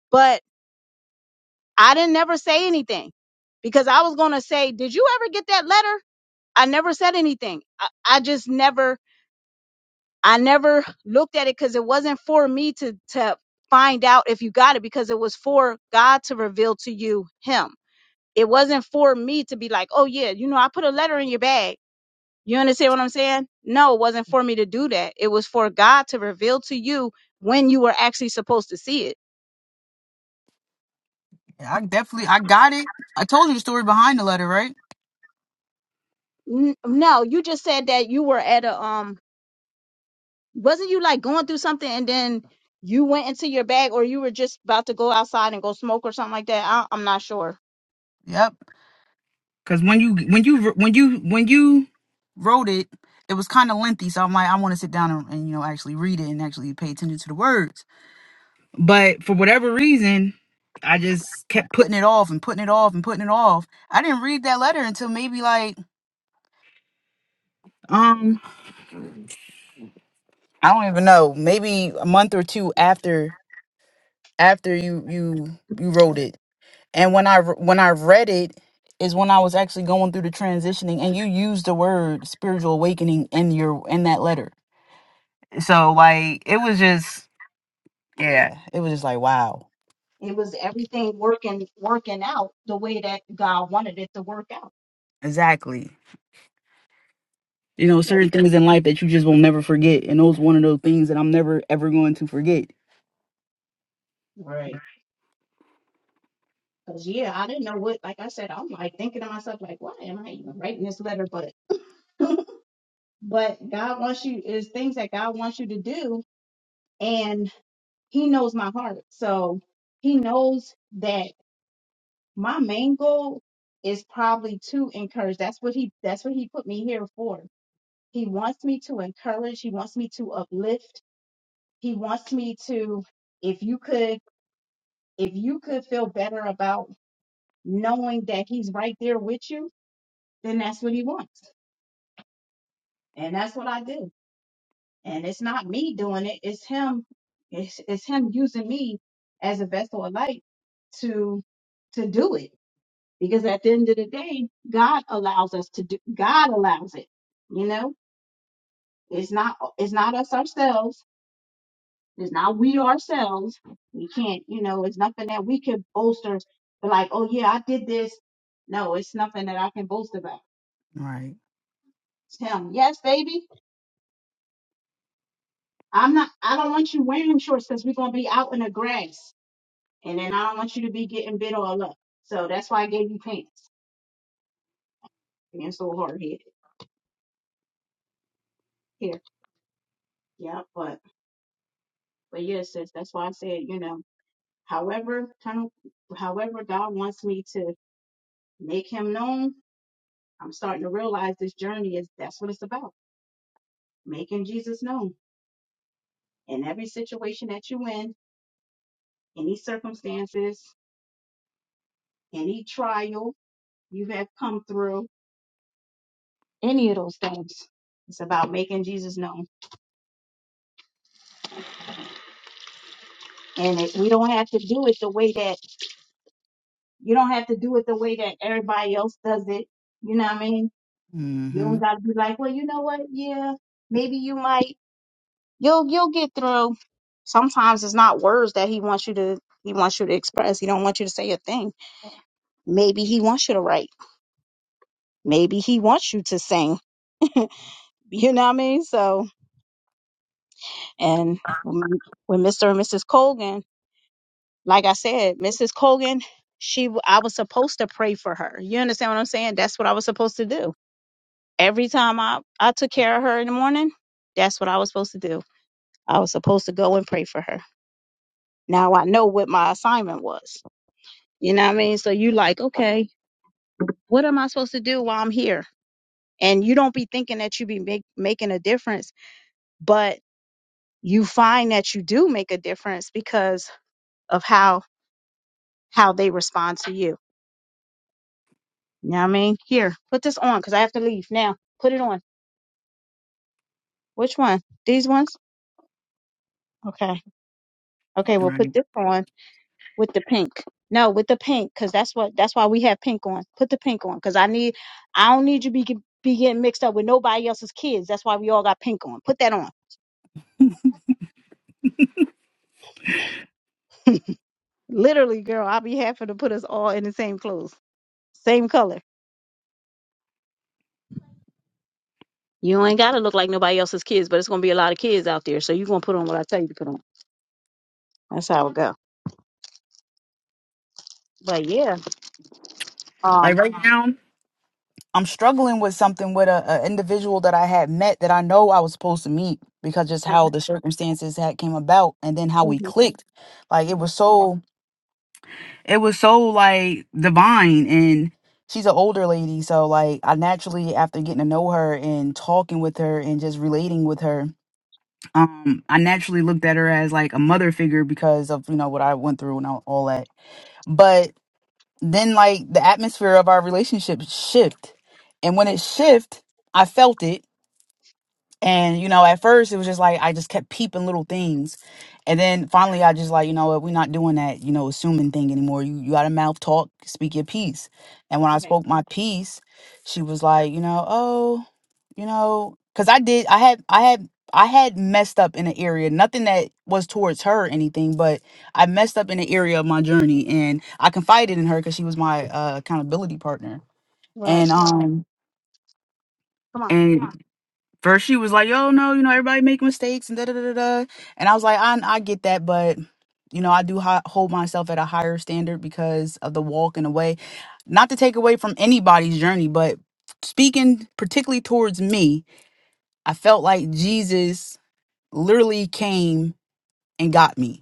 Speaker 1: But I didn't never say anything because I was going to say, did you ever get that letter? I never said anything. I, I just never, I never looked at it because it wasn't for me to, to find out if you got it because it was for God to reveal to you him. It wasn't for me to be like, oh yeah, you know, I put a letter in your bag. You understand what I'm saying? No, it wasn't for me to do that. It was for God to reveal to you when you were actually supposed to see it.
Speaker 2: I definitely I got it. I told you the story behind the letter, right?
Speaker 1: N- no, you just said that you were at a, um, Wasn't you like going through something and then you went into your bag or you were just about to go outside and go smoke or something like that? I, I'm not sure.
Speaker 2: Yep. Cause when you when you when you when you wrote it, it was kind of lengthy. So I'm like, I want to sit down and, and you know actually read it and actually pay attention to the words. But for whatever reason, I just kept putting it off and putting it off and putting it off. I didn't read that letter until maybe like um I don't even know, maybe a month or two after after you you you wrote it. And when I when I read it is when I was actually going through the transitioning and you used the word spiritual awakening in your in that letter So like it was just yeah, it was just like wow.
Speaker 1: It was everything working working out the way that God wanted it to work out
Speaker 2: Exactly. You know,
Speaker 1: because
Speaker 2: certain things in life that you just will never forget. And those one of those things that I'm never ever going to forget.
Speaker 1: Right. Cause yeah, I didn't know what. Like I said, I'm like thinking to myself, like, why am I even writing this letter? But, [LAUGHS] but God wants you. Is things that God wants you to do, and He knows my heart, so He knows that. my main goal is probably to encourage that's what he that's what he put me here for he wants me to encourage he wants me to uplift he wants me to if you could if you could feel better about knowing that he's right there with you then that's what he wants and that's what i do and it's not me doing it it's him it's, it's him using me as a vessel of light to to do it because at the end of the day god allows us to do god allows it you know it's not it's not us ourselves it's not we ourselves we can't you know it's nothing that we can bolster but like oh yeah i did this no it's nothing that i can boast about
Speaker 2: Right.
Speaker 1: it's him yes baby i'm not i don't want you wearing shorts because we're going to be out in the grass and then i don't want you to be getting bit all up so that's why i gave you pants being so hard-headed here yeah but but yeah sis that's why i said you know However, kind of, however God wants me to make him known, I'm starting to realize this journey is that's what it's about. Making Jesus known in every situation that you in, any circumstances, any trial you have come through, any of those things. It's about making Jesus known. And it, we don't have to do it the way that you don't have to do it the way that everybody else does it. You know what I mean? You
Speaker 2: Mm-hmm.
Speaker 1: don't gotta be like, well, you know what? Yeah, maybe you might. You'll you'll get through. Sometimes it's not words that he wants you to he wants you to express. He don't want you to say a thing. Maybe he wants you to write. Maybe he wants you to sing. [LAUGHS] You know what I mean? So and when when Mr. and Mrs. Colgan, like I said, Mrs. Colgan, she w- I was supposed to pray for her. You understand what I'm saying? That's what I was supposed to do. Every time I, I took care of her in the morning, that's what I was supposed to do. I was supposed to go and pray for her. Now I know what my assignment was. You know what I mean? So you like, okay, what am I supposed to do while I'm here? And you don't be thinking that you be make, making a difference, but you find that you do make a difference because of how how they respond to you. You know what I mean? Here, put this on because I have to leave now. Put it on. Which one? These ones? Okay. Okay, we'll put
Speaker 2: Right.
Speaker 1: this on with the pink. No, with the pink because that's what that's why we have pink on. Put the pink on because I need I don't need you to be be getting mixed up with nobody else's kids. That's why we all got pink on. Put that on. Literally, girl, I'll be happy to put us all in the same clothes, same color. You ain't gotta look like nobody else's kids, but it's gonna be a lot of kids out there, so you gonna put on what I tell you to put on. That's how it go. But yeah,
Speaker 2: Like
Speaker 1: um,
Speaker 2: right now, I'm struggling with something with a, a individual that I had met that I know I was supposed to meet because just how the circumstances had came about and then how we clicked. Like it was so. it was so like divine and she's an older lady so like i naturally after getting to know her and talking with her and just relating with her um i naturally looked at her as like a mother figure because of you know what i went through and all all that but then like the atmosphere of our relationship shift and when it shift i felt it and you know, at first it was just like I just kept peeping little things, and then finally I just like you know what we're not doing that you know assuming thing anymore. You you got to mouth talk, speak your piece. And when I
Speaker 1: right,
Speaker 2: spoke my piece, she was like, you know, oh, you know, because I did I had I had I had messed up in an area, nothing that was towards her or anything, but I messed up in an area of my journey, and I confided in her because she was my uh, accountability partner, and
Speaker 1: right.
Speaker 2: um.
Speaker 1: Come on.
Speaker 2: and. First, she was like, "Yo, no, you know, everybody make mistakes and da da da da." da." And I was like, "I I get that, but you know, I do hi- hold myself at a higher standard because of the walk and the way. Not to take away from anybody's journey, but speaking particularly towards me, I felt like Jesus literally came and got me.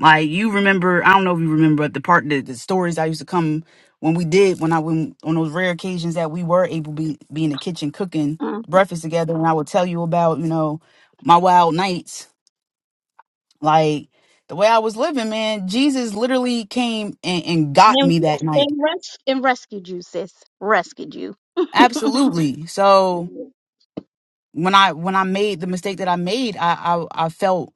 Speaker 2: Like you remember, I don't know if you remember, but the part the, the stories I used to come when we did when I when on those rare occasions that we were able to be, be in the kitchen cooking
Speaker 1: Mm.
Speaker 2: breakfast together, and I would tell you about you know my wild nights, like the way I was living, man. Jesus literally came and, and got
Speaker 1: And,
Speaker 2: me that
Speaker 1: res-
Speaker 2: night,
Speaker 1: and, res- and rescued you, sis. Rescued you.
Speaker 2: absolutely. So when I when I made the mistake that I made, I I, I felt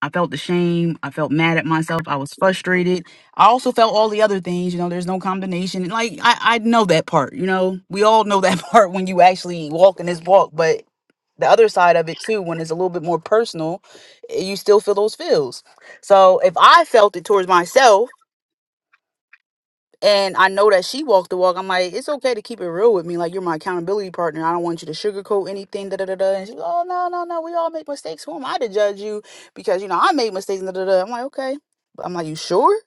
Speaker 2: I felt the shame. I felt mad at myself. I was frustrated. I also felt all the other things. You know, there's no combination. And, Like I, I know that part. You know, we all know that [LAUGHS] part when you actually walk in this walk. But the other side of it too, when it's a little bit more personal, eh, you still feel those feels. So if I felt it towards myself and I know that she walked the walk. I'm like, it's okay to keep it real with me. Like, you're my accountability partner. I don't want you to sugarcoat anything. Da da da da. And she's like, oh no no no, we all make mistakes. Who am I to judge you? Because you know I made mistakes. Da da da. I'm like, okay. But I'm like, you sure?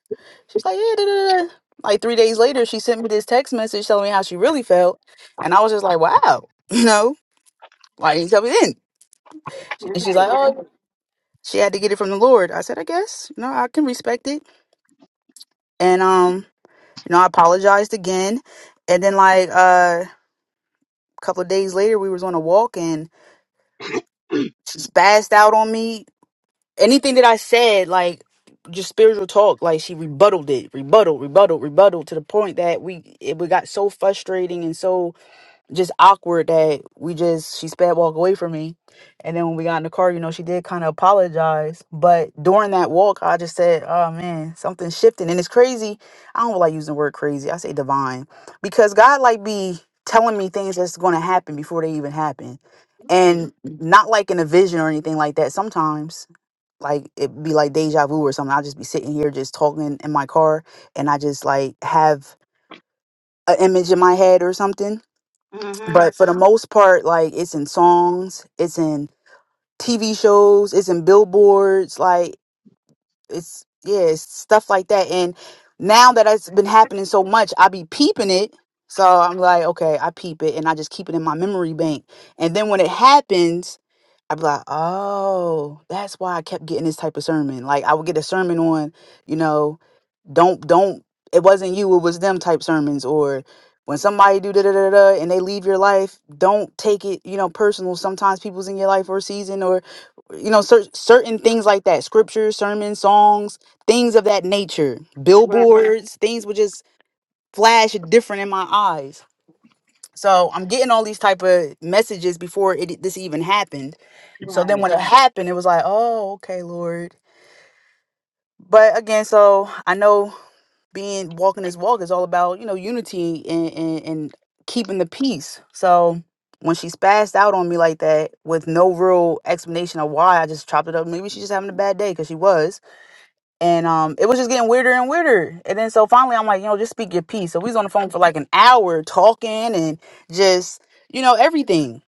Speaker 2: She's like, yeah. Da da da. Like three days later, she sent me this text message telling me how she really felt, and I was just like, wow, [LAUGHS] you know, why didn't you tell me then? And she's like, oh, she had to get it from the Lord. I said, I guess, you know, I can respect it. And um, you know, I apologized again, and then like uh. couple of days later we was on a walk and she spazzed out on me anything that i said like just spiritual talk like she rebutted it rebutted rebutted rebutted to the point that we it we got so frustrating and so just awkward that we just she sped walk away from me and then when we got in the car you know she did kind of apologize but during that walk i just said oh man something shifted and it's crazy i don't like using the word crazy i say divine because god like be telling me things that's going to happen before they even happen
Speaker 1: Right.
Speaker 2: and Mhm. not like in a vision or anything like that sometimes like it be like deja vu or something i'll just be sitting here just talking in my car and i just like have an image in my head or something
Speaker 1: Mm-hmm.
Speaker 2: but for the most part like it's in songs it's in tv shows it's in billboards like it's yeah it's stuff like that and now that it's been happening so much i be peeping it so i'm like okay i peep it and i just keep it in my memory bank and then when it happens i be like oh that's why i kept getting this type of sermon like i would get a sermon on you know don't don't it wasn't you it was them type sermons or when somebody do da da da da da and they leave your life don't take it you know personal sometimes people's in your life for a season or you know cer- certain things like that scriptures sermons songs things of that nature
Speaker 1: Right.
Speaker 2: billboards things would just flash different in my eyes so i'm getting all these type of messages before it this even happened so then
Speaker 1: Right.
Speaker 2: when it Right. happened it was like oh okay lord but again so i know being walking this walk is all about you know unity and and, and keeping the peace so when she spazzed out on me like that with no real explanation of why i just chopped it up maybe she's just having a bad day because she was and um it was just getting weirder and weirder and then so finally i'm like you know just speak your piece so we was on the phone for like an hour talking and just you know everything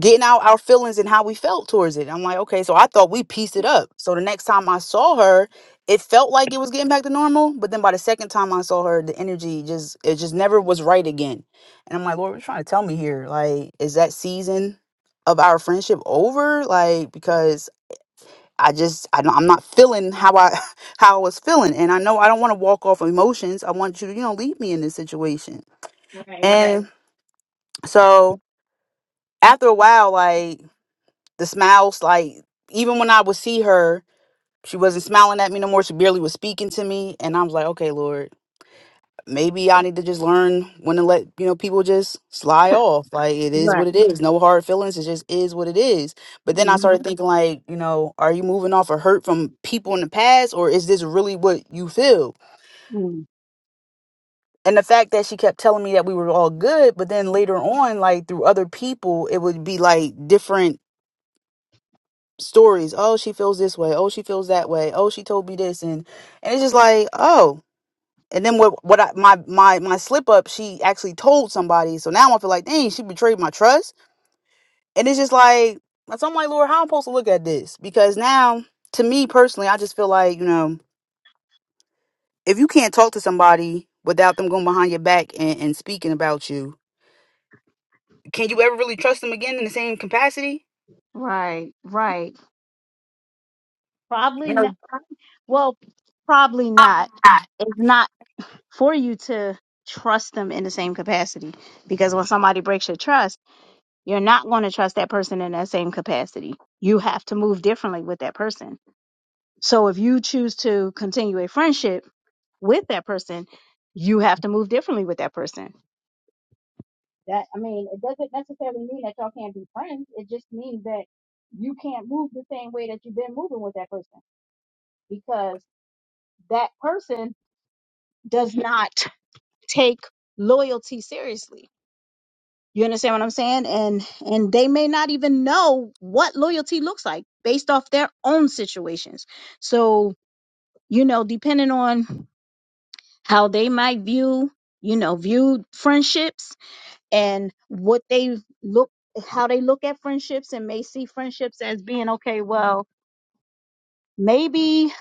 Speaker 2: getting out our feelings and how we felt towards it i'm like okay so i thought we pieced it up so the next time i saw her it felt like it was getting back to normal but then by the second time i saw her the energy just it just never was right again and i'm like lord what are you trying to tell me here like is that season of our friendship over like because I just I don't, I'm not feeling how I [LAUGHS] how I was feeling, and I know I don't want to walk off emotions. I want you to you know leave me in this situation,
Speaker 1: Right.
Speaker 2: and so after a while, like the smiles, like even when I would see her, she wasn't smiling at me no more. She barely was speaking to me, and I was like, okay, Lord, maybe I need to just learn when to let you know people just slide off. Like it is
Speaker 1: Right.
Speaker 2: what it is. No hard feelings. It just is what it is. But then I started Mhm.
Speaker 1: Mm-hmm.
Speaker 2: thinking like, you know, are you moving off a hurt from people in the past, or is this really what you feel? And the fact that she kept telling me that we were all good, but then later on, like through other people, it would be like different stories. Oh, she feels this way. Oh, she feels that way. Oh, she told me this, and and it's just like, oh. And then what? What I, my my my slip up? She actually told somebody. So now I feel like, dang, she betrayed my trust. And it's just like, so I'm like, Lord, how I'm supposed to look at this? Because now, to me personally, I just feel like, you know, if you can't talk to somebody without them going behind your back and, and speaking about you, can you ever really trust them again in the same capacity?
Speaker 1: Right. Right.
Speaker 2: No,
Speaker 1: Probably not. Well, probably not. It's not for you to trust them in the same capacity because when somebody breaks your trust. You're not going to trust that person in that same capacity. You have to move differently with that person. So if you choose to continue a friendship with that person, you have to move differently with that person. That I mean, it doesn't necessarily mean that y'all can't be friends. It just means that you can't move the same way that you've been moving with that person because that person does not take loyalty seriously You understand what I'm saying? And and they may not even know what loyalty looks like based off their own situations. So, you know, depending on how they might view, you know, view friendships and what they look how they look at friendships and may see friendships as being okay, well, maybe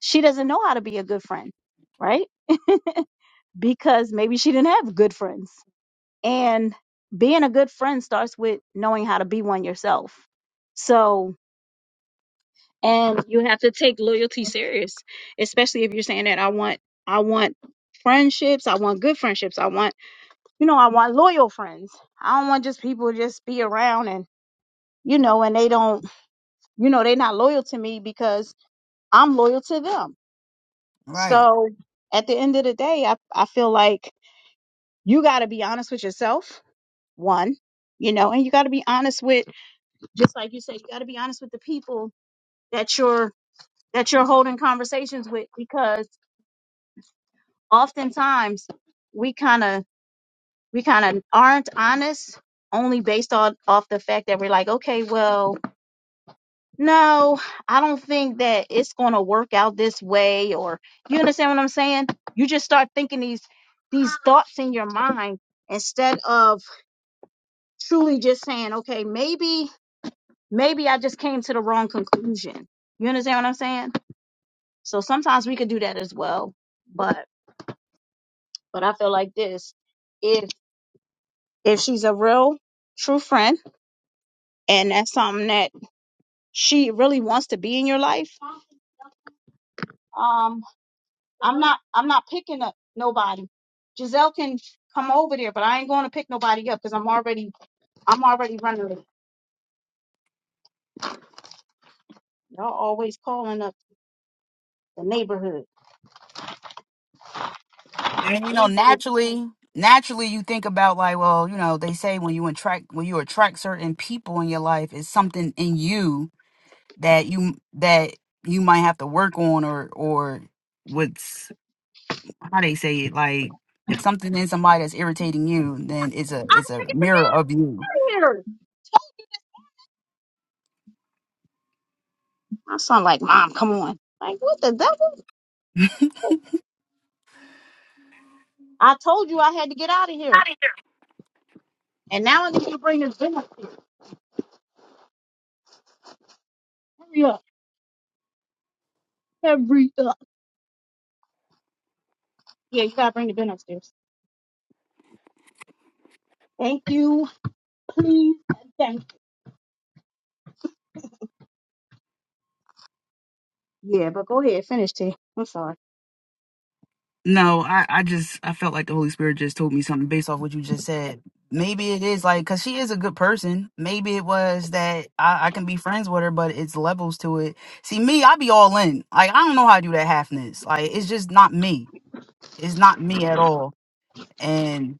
Speaker 1: she doesn't know how to be a good friend, right? [LAUGHS] Because maybe she didn't have good friends. And being a good friend starts with knowing how to be one yourself. So, and you have to take loyalty serious, especially if you're saying that I want, I want friendships, I want good friendships, I want, you know, I want loyal friends. I don't want just people to just be around and, you know, and they don't, you know, they're not loyal to me because I'm loyal to them.
Speaker 2: right?
Speaker 1: So at the end of the day, I, I feel like you got to be honest with yourself, one, you know, and you got to be honest with just like you said, you got to be honest with the people that you're that you're holding conversations with because oftentimes we kind of we kind of aren't honest only based on off the fact that we're like, okay, well, no, I don't think that it's going to work out this way or you understand what I'm saying? You just start thinking these these thoughts in your mind instead of truly just saying, okay, maybe maybe I just came to the wrong conclusion. You understand what I'm saying? So sometimes we could do that as well. But but I feel like this if if she's a real true friend and that's something that she really wants to be in your life, um I'm not I'm not picking up nobody. Giselle can come over there, but I ain't going to pick nobody up because I'm already I'm already running late. Y'all always calling up the neighborhood.
Speaker 2: And you
Speaker 1: I
Speaker 2: know,
Speaker 1: gotta
Speaker 2: naturally, naturally, you think about like, well, you know, they say when you attract when you attract certain people in your life, it's something in you that you that you might have to work on or or what's how they say it like if something in somebody that's irritating you then it's a it's a
Speaker 1: get the
Speaker 2: mirror
Speaker 1: damn
Speaker 2: of you
Speaker 1: out of here. My son like, Mom, come on. Like, what the devil? I told you I had to get out of here. And now I need you to bring this bin upstairs. Hurry up. Hurry up. Yeah, you gotta bring the bin upstairs. Thank you. Please. Thank you. Yeah, but go ahead. Finish, T. I'm sorry.
Speaker 2: no i i just i felt like the holy spirit just told me something based off what you just said maybe it is like because she is a good person maybe it was that I, I can be friends with her but it's levels to it see me i be all in like i don't know how to do that halfness like it's just not me it's not me at all and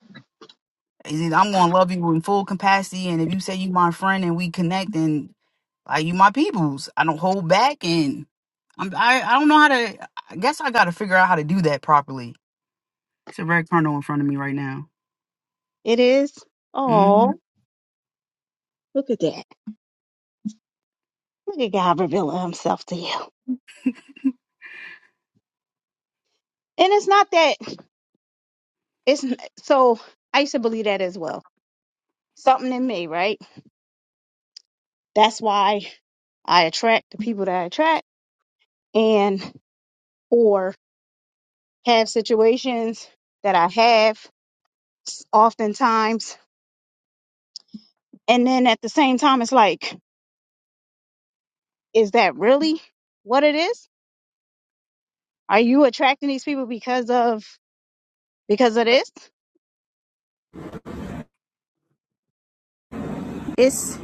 Speaker 2: it's either I'm gonna love you in full capacity, and if you say you my friend and we connect, and like you my peoples, I don't hold back, and I'm I, I don't know how to. I guess I got to figure out how to do that properly. It's a red kernel in front of me right now.
Speaker 1: It is.
Speaker 2: hmm
Speaker 1: Oh, look at that. Look at God revealing himself to you. And it's not that. It's n- so I used to believe that as well. Something in me, right? That's why I attract the people that I attract and or have situations that I have s- oftentimes. And then at the same time, it's like Is that really what it is? Are you attracting these people because of because of this? It's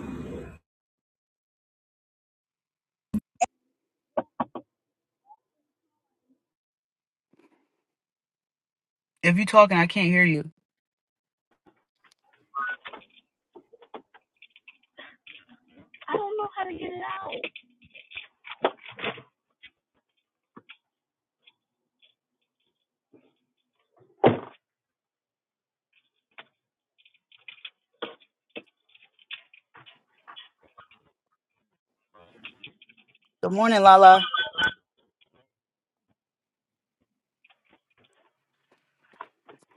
Speaker 2: If you're talking, I can't hear you.
Speaker 1: I don't know how to
Speaker 2: Good morning, Lala.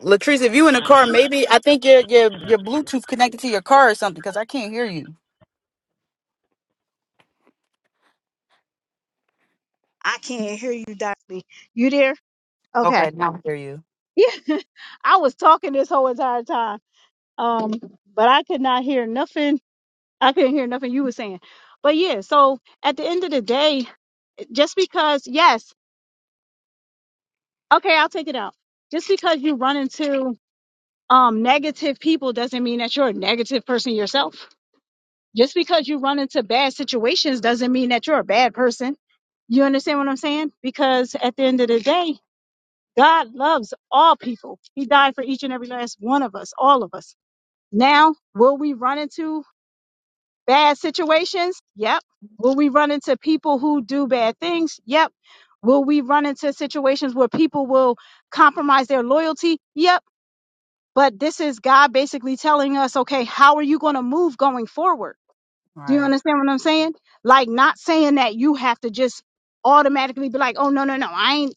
Speaker 2: Latrice, if you in the car, maybe I think your your your Bluetooth connected to your car or something, because I can't hear you.
Speaker 1: I can't hear you directly. You there? Okay.
Speaker 2: Okay, now I hear you.
Speaker 1: Yeah. [LAUGHS] I was talking this whole entire time. Um, but I could not hear nothing. I couldn't hear nothing you were saying. But yeah, so at the end of the day, just because yes, okay, I'll take it out. Just because you run into um negative people doesn't mean that you're a negative person yourself. Just because you run into bad situations doesn't mean that you're a bad person. You understand what I'm saying? Because at the end of the day, God loves all people. He died for each and every last one of us, all of us. Now, will we run into bad situations? Yep. Will we run into people who do bad things? Yep. Will we run into situations where people will compromise their loyalty? Yep. But this is God basically telling us, okay, how are you going to move going forward? Do you
Speaker 2: Right.
Speaker 1: understand what I'm saying? Like not saying that you have to just automatically be like, "Oh no, no, no. I ain't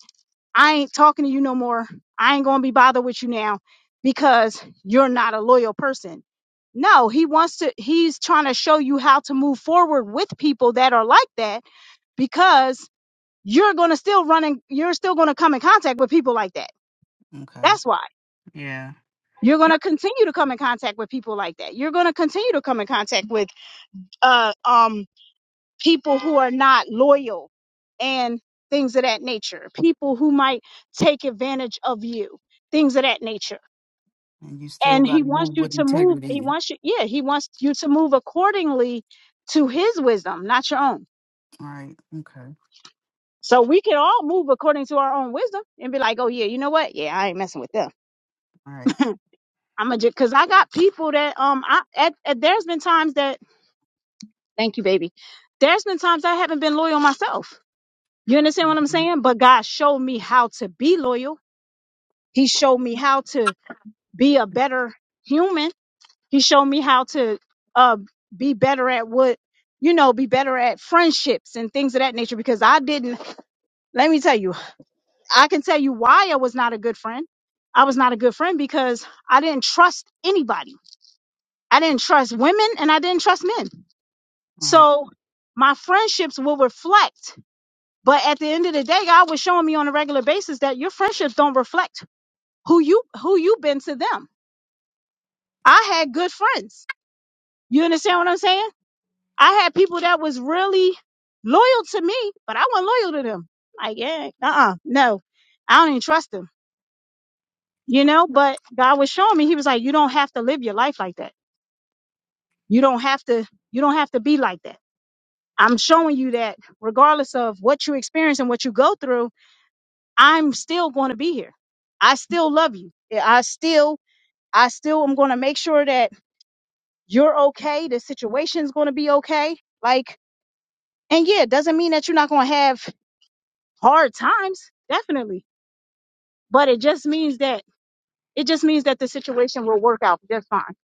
Speaker 1: I ain't talking to you no more. I ain't going to be bothered with you now because you're not a loyal person." No, he wants to he's trying to show you how to move forward with people that are like that because you're going to still run in, you're still going to come in contact with people like that.
Speaker 2: Okay.
Speaker 1: That's why.
Speaker 2: Yeah.
Speaker 1: You're going to continue to come in contact with people like that. You're going to continue to come in contact with uh um people who are not loyal and things of that nature, people who might take advantage of you, things of that nature.
Speaker 2: And you still
Speaker 1: And
Speaker 2: got
Speaker 1: he
Speaker 2: to
Speaker 1: wants
Speaker 2: move
Speaker 1: you
Speaker 2: with
Speaker 1: to move, he
Speaker 2: integrity.
Speaker 1: wants you, yeah, he wants you to move accordingly to his wisdom, not your own.
Speaker 2: All right. Okay.
Speaker 1: So we can all move according to our own wisdom and be like, oh yeah, you know what? Yeah, I ain't messing with them.
Speaker 2: All right.
Speaker 1: I'm a because I got people that um I at, at there's been times that thank you baby, there's been times I haven't been loyal myself. You understand what I'm
Speaker 2: Mhm.
Speaker 1: saying? But God showed me how to be loyal He showed me how to be a better human. He showed me how to uh, be better at what, you know, be better at friendships and things of that nature because I didn't, let me tell you, I can tell you why I was not a good friend. I was not a good friend because I didn't trust anybody. I didn't trust women and I didn't trust men.
Speaker 2: All right.
Speaker 1: So my friendships will reflect. But at the end of the day, God was showing me on a regular basis that your friendships don't reflect who you who you've been to them. I had good friends You understand what I'm saying? I had people that was really loyal to me, but I wasn't loyal to them. Like, yeah, uh-uh, no, I don't even trust them. You know, but God was showing me, He was like, you don't have to live your life like that. You don't have to, you don't have to be like that. I'm showing you that regardless of what you experience and what you go through, I'm still going to be here. I still love you. Yeah, I still, I still am going to make sure that you're okay. The situation's going to be okay. Like, and yeah, it doesn't mean that you're not going to have hard times, definitely. But it just means that it just means that the situation will work out just fine.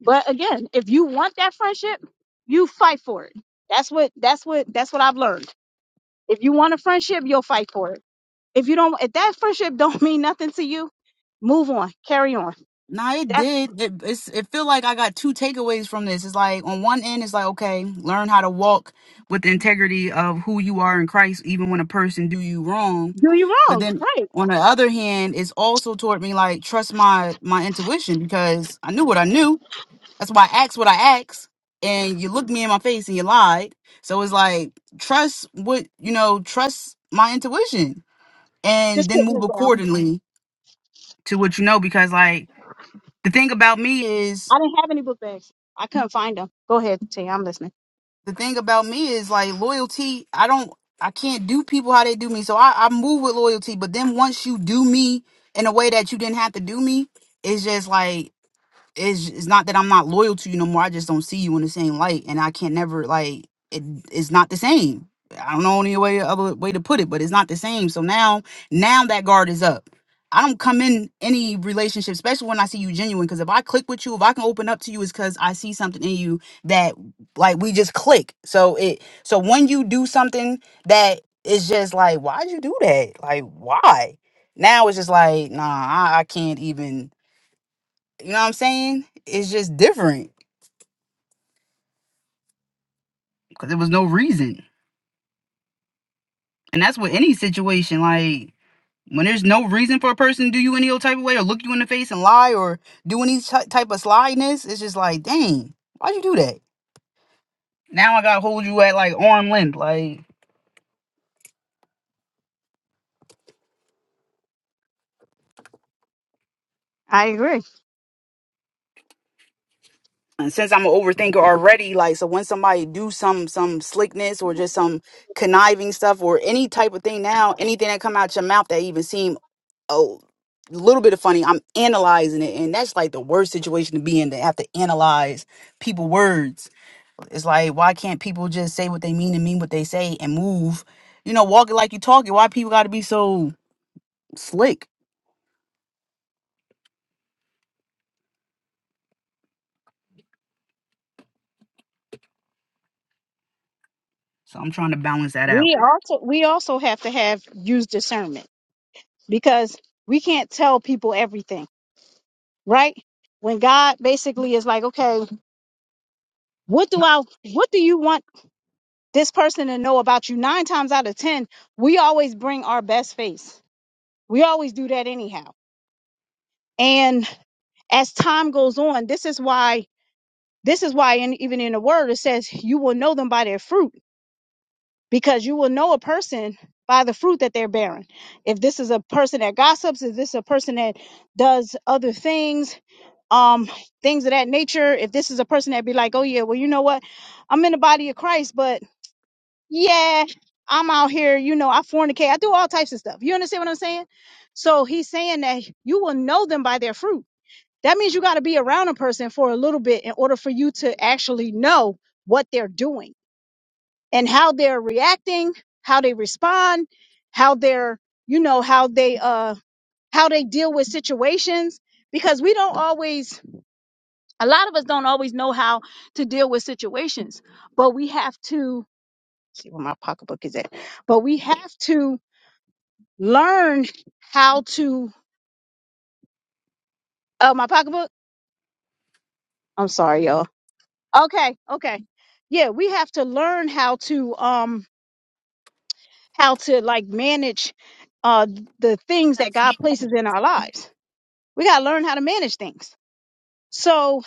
Speaker 1: But again, if you want that friendship, you fight for it. That's what that's what that's what I've learned. If you want a friendship, you'll fight for it. If you don't if that friendship don't [LAUGHS] mean nothing to you, move on. Carry on.
Speaker 2: Nah, it
Speaker 1: That
Speaker 2: did. It it's, it feel like I got two takeaways from this. It's like on one end, it's like okay, learn how to walk with the integrity of who you are in Christ, even when a person do you wrong.
Speaker 1: do you
Speaker 2: But
Speaker 1: wrong.
Speaker 2: then
Speaker 1: Right.
Speaker 2: on the other hand, it's also taught me like trust my my intuition because I knew what I knew. That's why I asked what I asked, and you looked me in my face and you lied. So it's like trust what you know, trust my intuition, and
Speaker 1: Just
Speaker 2: then
Speaker 1: putting
Speaker 2: move
Speaker 1: this down.
Speaker 2: accordingly to what you know because like the thing about me is
Speaker 1: I didn't have any book bags. I couldn't find them. Go ahead, T. I'm listening.
Speaker 2: the thing about me is like loyalty i don't i can't do people how they do me so i, I move with loyalty but then once you do me in a way that you didn't have to do me it's just like it's it's not that I'm not loyal to you no more. I just don't see you in the same light, and I can't never like it. It's not the same. I don't know any way other way to put it, but it's not the same. So now now that guard is up. I don't come in any relationship, especially when I see you genuine. Because if I click with you, if I can open up to you, it's because I see something in you that like we just click. So it so when you do something that is just like, why'd you do that? Like why? Now it's just like, nah, I, I can't even. You know what I'm saying? It's just different because there was no reason. And that's with any situation. Like, when there's no reason for a person to do you any old type of way or look you in the face and lie or do any ty- type of slyness, it's just like, dang, why'd you do that? Now I gotta hold you at like arm length. Like,
Speaker 1: I agree.
Speaker 2: and since I'm an overthinker already, like, so when somebody do some some slickness or just some conniving stuff or any type of thing now, anything that come out your mouth that even seem a little bit of funny. I'm analyzing it, and that's like the worst situation to be in to have to analyze people words. It's like why can't people just say what they mean and mean what they say and move? You know, walk it like you talk it. Why people got to be so slick? So I'm trying to balance that out.
Speaker 1: We also we also have to have use discernment because we can't tell people everything, right? When God basically is like, okay, what do I, what do you want this person to know about you? Nine times out of 10, we always bring our best face. We always do that anyhow. And as time goes on, this is why, this is why, in, even in the word, it says you will know them by their fruit because you will know a person by the fruit that they're bearing. If this is a person that gossips, if this is a person that does other things, um things of that nature if this is a person that be like oh yeah well you know what i'm in the body of christ but yeah i'm out here you know i fornicate i do all types of stuff you understand what i'm saying so he's saying that you will know them by their fruit that means you got to be around a person for a little bit in order for you to actually know what they're doing and how they're reacting how they respond how they're you know how they uh how they deal with situations because we don't always a lot of us don't always know how to deal with situations, but we have to see where my pocketbook is at. But we have to learn how to Oh, my pocketbook. I'm sorry, y'all. Okay, okay. Yeah, we have to learn how to um how to like manage uh the things that God places in our lives. We gotta learn how to manage things. So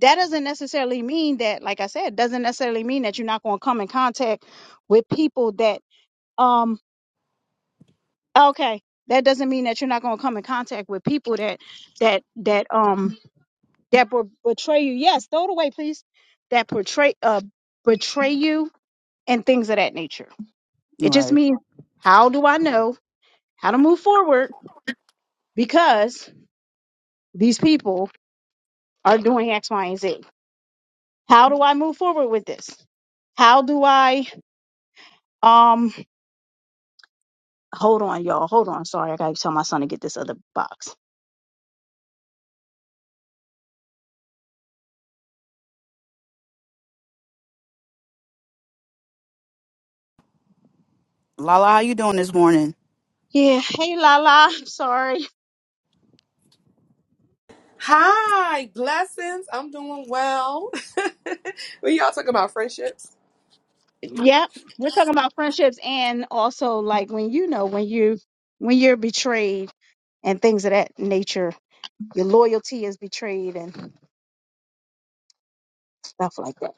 Speaker 1: that doesn't necessarily mean that, like I said, doesn't necessarily mean that you're not gonna come in contact with people that um Okay. That doesn't mean that you're not going to come in contact with people that that that um that will betray you. Yes, throw it away, please. That portray uh betray you and things of that nature.
Speaker 2: All
Speaker 1: It just
Speaker 2: right,
Speaker 1: means how do I know how to move forward because these people are doing X, Y, and Z. How do I move forward with this? How do I um hold on, y'all. Hold on. Sorry, I gotta tell my son to get this other box.
Speaker 2: Lala, how you doing this morning?
Speaker 1: Yeah. Hey Lala. [LAUGHS] Sorry.
Speaker 3: Hi, blessings. I'm doing well. [LAUGHS] we y'all talking about friendships.
Speaker 1: Yep. We're talking about friendships and also like when you know when you when you're betrayed and things of that nature, your loyalty is betrayed and stuff like that.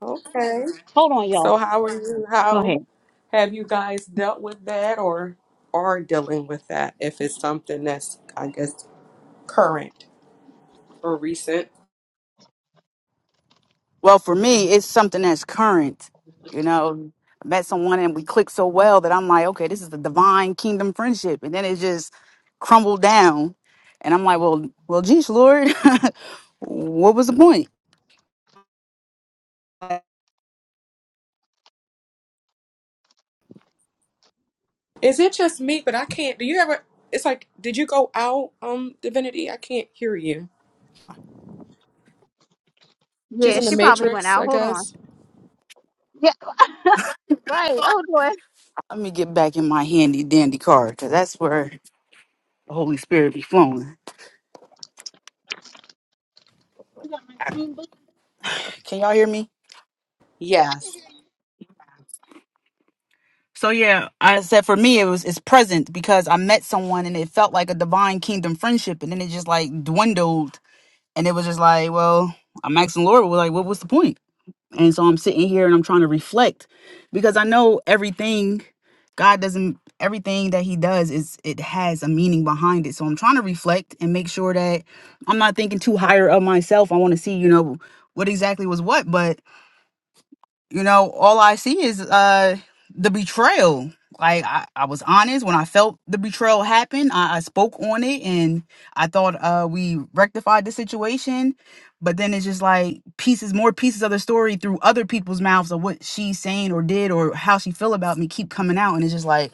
Speaker 3: Okay.
Speaker 1: Hold on, y'all.
Speaker 3: So how are you?
Speaker 1: Go
Speaker 3: How
Speaker 1: ahead.
Speaker 3: have you guys dealt with that or are dealing with that if it's something that's I guess current or recent?
Speaker 2: Well, for me, it's something that's current. You know, I met someone and we clicked so well that I'm like, okay, this is the divine kingdom friendship, and then it just crumbled down, and I'm like, well, well, geez, Lord, [LAUGHS] what was the point? Let
Speaker 3: Is it just me, but I can't do you ever it's like did you go out, um, Divinity? I can't hear you. She's
Speaker 1: Yeah,
Speaker 3: in the
Speaker 1: she probably went
Speaker 3: Matrix,
Speaker 1: out.
Speaker 3: I
Speaker 1: Hold on.
Speaker 3: guess.
Speaker 1: Yeah, right. Oh boy.
Speaker 2: me get back in my handy dandy car because that's where the Holy Spirit be flowing.
Speaker 1: You got my green book?
Speaker 2: Can y'all hear me?
Speaker 1: I
Speaker 3: Yes.
Speaker 1: can hear you.
Speaker 2: So yeah, I said for me it was it's present because I met someone and it felt like a divine kingdom friendship, and then it just like dwindled And it was just like, well, I'm asking the Lord, well, like, what was the point? And so I'm sitting here and I'm trying to reflect because I know everything God doesn't everything that he does is it has a meaning behind it. So I'm trying to reflect and make sure that I'm not thinking too higher of myself. I want to see, you know, what exactly was what, but you know, all I see is uh the betrayal. Like I, I was honest when I felt the betrayal happen. I, I spoke on it and I thought uh we rectified the situation. But then it's just like pieces, more pieces of the story through other people's mouths of what she's saying or did or how she feel about me keep coming out and it's just like,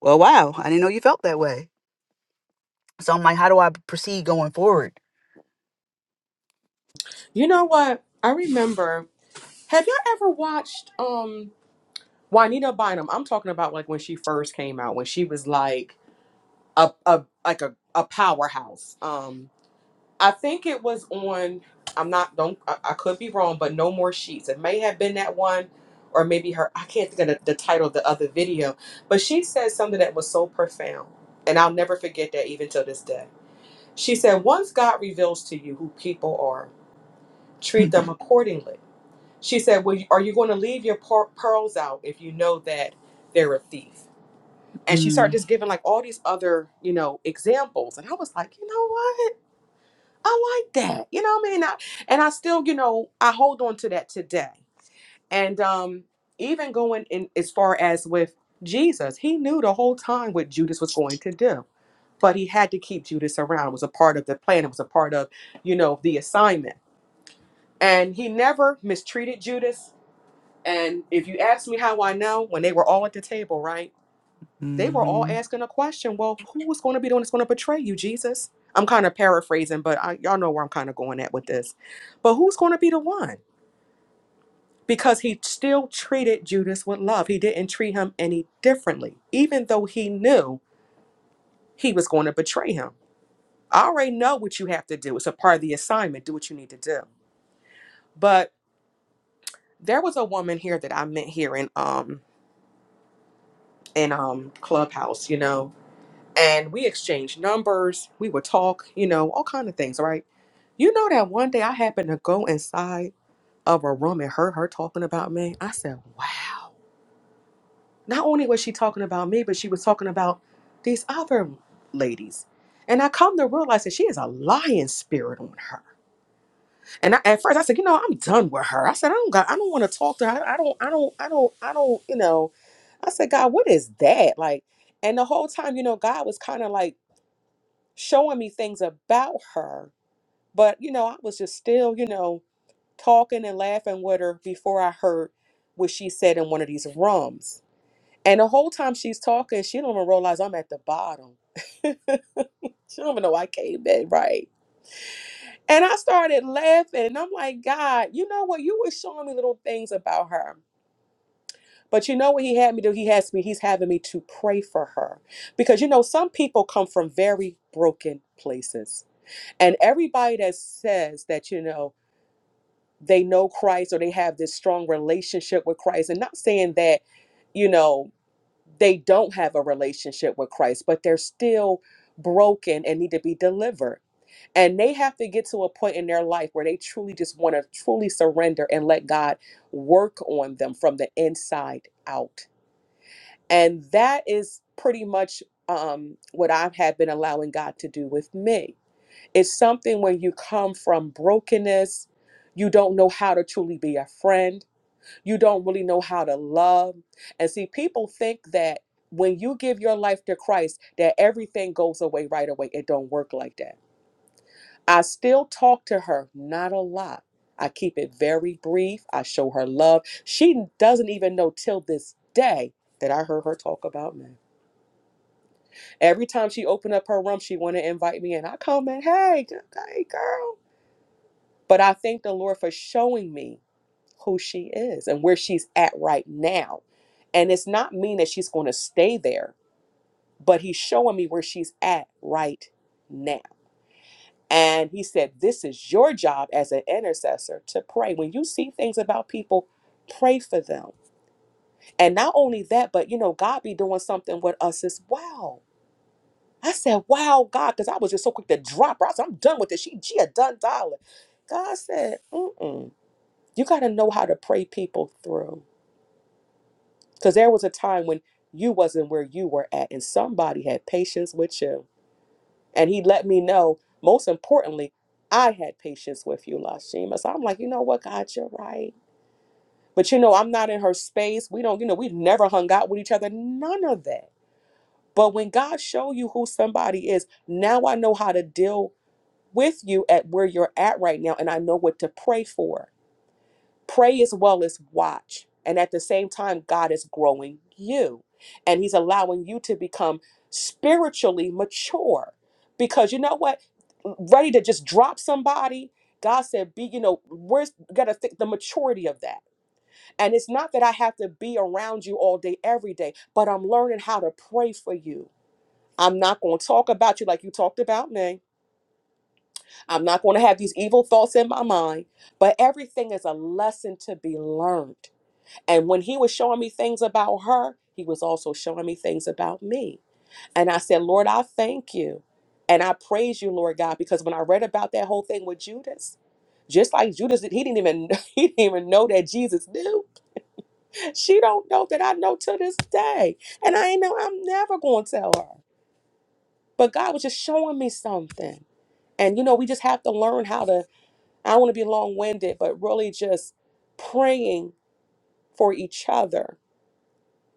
Speaker 2: Well wow, I didn't know you felt that way. So I'm like, how do I proceed going forward?
Speaker 3: You know what? I remember have y'all ever watched um Juanita Bynum, I'm talking about like when she first came out, when she was like a, a like a, a powerhouse. Um, I think it was on. I'm not don't I, I could be wrong, but no more sheets. It may have been that one, or maybe her. I can't think of the, the title of the other video, but she said something that was so profound, and I'll never forget that even till this day. She said, "Once God reveals to you who people are, treat them accordingly." She said, "Well, are you going to leave your per- pearls out if you know that they're a thief?" And she started just giving like all these other, you know, examples. And I was like, you know what? I like that. You know what I mean? I, and I still, you know, I hold on to that today. And um, even going in as far as with Jesus, he knew the whole time what Judas was going to do. But he had to keep Judas around. It was a part of the plan. It was a part of, you know, the assignment. And he never mistreated Judas. And if you ask me how I know, when they were all at the table, right? They were all
Speaker 2: Mm-hmm.
Speaker 3: asking a question. Well, who is going to be the one that's going to betray you, Jesus? I'm kind of paraphrasing, but I, y'all know where I'm kind of going at with this. But who's going to be the one? Because he still treated Judas with love. He didn't treat him any differently, even though he knew he was going to betray him. I already know what you have to do. It's a part of the assignment. Do what you need to do. But there was a woman here that I met here in um in um Clubhouse, you know, and we exchanged numbers. We would talk, you know, all kind of things, right? You know that one day I happened to go inside of a room and heard her talking about me. I said, "Wow!" Not only was she talking about me, but she was talking about these other ladies. And I come to realize that she is a lion spirit on her. And I, at first, I said, "You know, I'm done with her." I said, "I don't got. I don't want to talk to her. I don't. I don't. I don't. I don't. You know." I said, "God, what is that like?" And the whole time, you know, God was kind of like showing me things about her. But, you know, I was just still, you know, talking and laughing with her before I heard what she said in one of these rooms. And the whole time she's talking, she don't even realize I'm at the bottom. [LAUGHS] she don't even know I came in, right? And I started laughing and I'm like, God, you know what? You were showing me little things about her. But you know what he had me do? He has me, he's having me to pray for her. Because you know, some people come from very broken places And everybody that says that, you know, they know Christ or they have this strong relationship with Christ, and not saying that, you know, they don't have a relationship with Christ, but they're still broken and need to be delivered. And they have to get to a point in their life where they truly just want to truly surrender and let God work on them from the inside out. And that is pretty much um, what I have been allowing God to do with me it's something when you come from brokenness, you don't know how to truly be a friend, you don't really know how to love. And see, people think that when you give your life to Christ, that everything goes away right away. It don't work like that. I still talk to her, not a lot. I keep it very brief. I show her love. She doesn't even know till this day that I heard her talk about me. Every time she opened up her room, she want to invite me in. I come in, hey, g- hey, girl. But I thank the Lord for showing me who she is and where she's at right now. And it's not mean that she's going to stay there, but he's showing me where she's at right now. And he said, This is your job as an intercessor to pray. When you see things about people, pray for them. And not only that, but you know, God be doing something with us as well. I said, Wow, God, because I was just so quick to drop her. I said, I'm done with this. She, she a done dollar. God said, Mm-mm. you got to know how to pray people through because there was a time when you wasn't where you were at and somebody had patience with you and he let me know most importantly i had patience with you lashima so i'm like you know what god you're right but you know i'm not in her space we don't you know we've never hung out with each other none of that but when god show you who somebody is now i know how to deal with you at where you're at right now and i know what to pray for pray as well as watch. And at the same time, God is growing you and He's allowing you to become spiritually mature. Because you know what? Ready to just drop somebody. God said, be, you know, where's gotta think the maturity of that. And it's not that I have to be around you all day, every day, but I'm learning how to pray for you. I'm not gonna talk about you like you talked about me. I'm not gonna have these evil thoughts in my mind, but everything is a lesson to be learned and when he was showing me things about her, he was also showing me things about me. And I said, Lord, I thank you. And I praise you, Lord God, because when I read about that whole thing with Judas, just like Judas, did- he didn't even [LAUGHS] he didn't even know that Jesus knew. She don't know that I know to this day. And I ain't know I'm never gonna tell her. But God was just showing me something. And you know, we just have to learn how to, I don't want to be long-winded, but really just praying for each other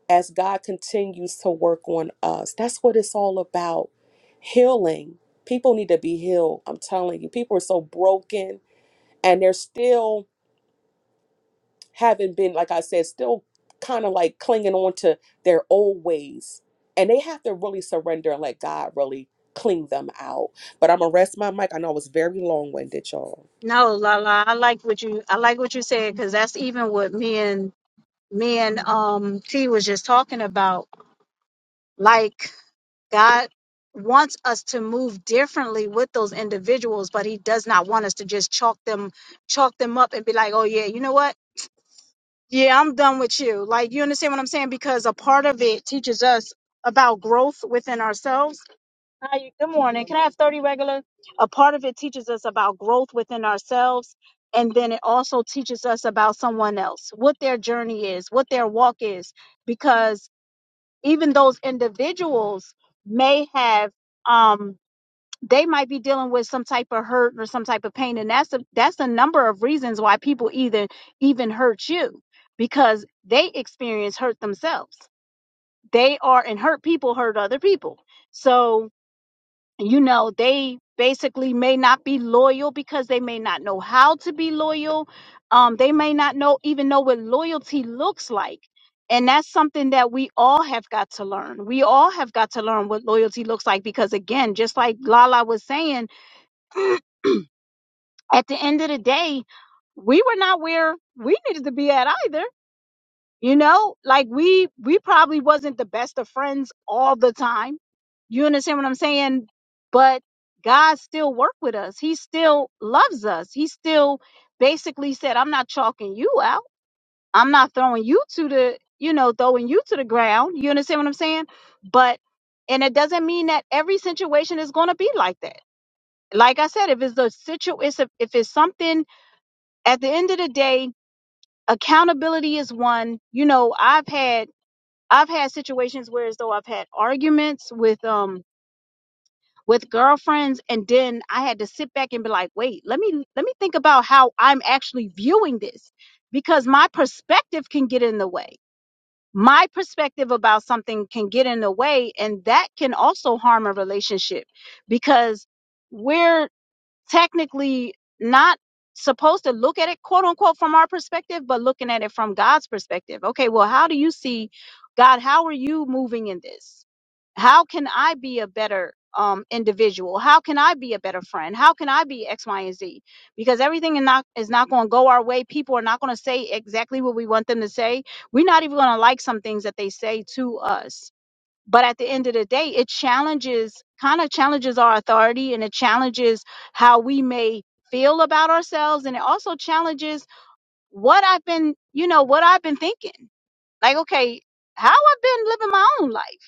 Speaker 3: as God continues to work on us. That's what it's all about. Healing. People need to be healed. I'm telling you, people are so broken and they're still haven't been, like I said, still kind of like clinging on to their old ways. And they have to really surrender and let God really clean them out. But I'm going to rest my mic. I know I was very long winded, y'all.
Speaker 1: No, la la. I like what you I like what you said because that's even what me and me and um T was just talking about. Like God wants us to move differently with those individuals, but he does not want us to just chalk them chalk them up and be like, "Oh yeah, you know what? Yeah, I'm done with you." Like, you understand what I'm saying? Because a part of it teaches us about growth within ourselves. Hi, good morning. Can I have 30 regular? A part of it teaches us about growth within ourselves, and then it also teaches us about someone else, what their journey is, what their walk is, because even those individuals may have um they might be dealing with some type of hurt or some type of pain and that's a, that's a number of reasons why people either even hurt you because they experience hurt themselves they are and hurt people hurt other people so you know, they basically may not be loyal because they may not know how to be loyal. Um, they may not know even know what loyalty looks like. And that's something that we all have got to learn. We all have got to learn what loyalty looks like because again, just like Lala was saying, at the end of the day, we were not where we needed to be at either you know like we we probably wasn't the best of friends all the time you understand what i'm saying but god still worked with us he still loves us he still basically said i'm not chalking you out i'm not throwing you to the you know throwing you to the ground you understand what i'm saying but and it doesn't mean that every situation is going to be like that like i said if it's a situation if it's something at the end of the day accountability is one you know i've had I've had situations where as though I've had arguments with um with girlfriends and then I had to sit back and be like, "Wait, let me let me think about how I'm actually viewing this because my perspective can get in the way. My perspective about something can get in the way and that can also harm a relationship because we're technically not supposed to look at it quote unquote from our perspective but looking at it from god's perspective okay well how do you see god how are you moving in this how can i be a better um individual how can i be a better friend how can i be x y and z because everything is not is not going to go our way people are not going to say exactly what we want them to say we're not even going to like some things that they say to us but at the end of the day it challenges kind of challenges our authority and it challenges how we may feel about ourselves and it also challenges what i've been you know what i've been thinking like okay how i've been living my own life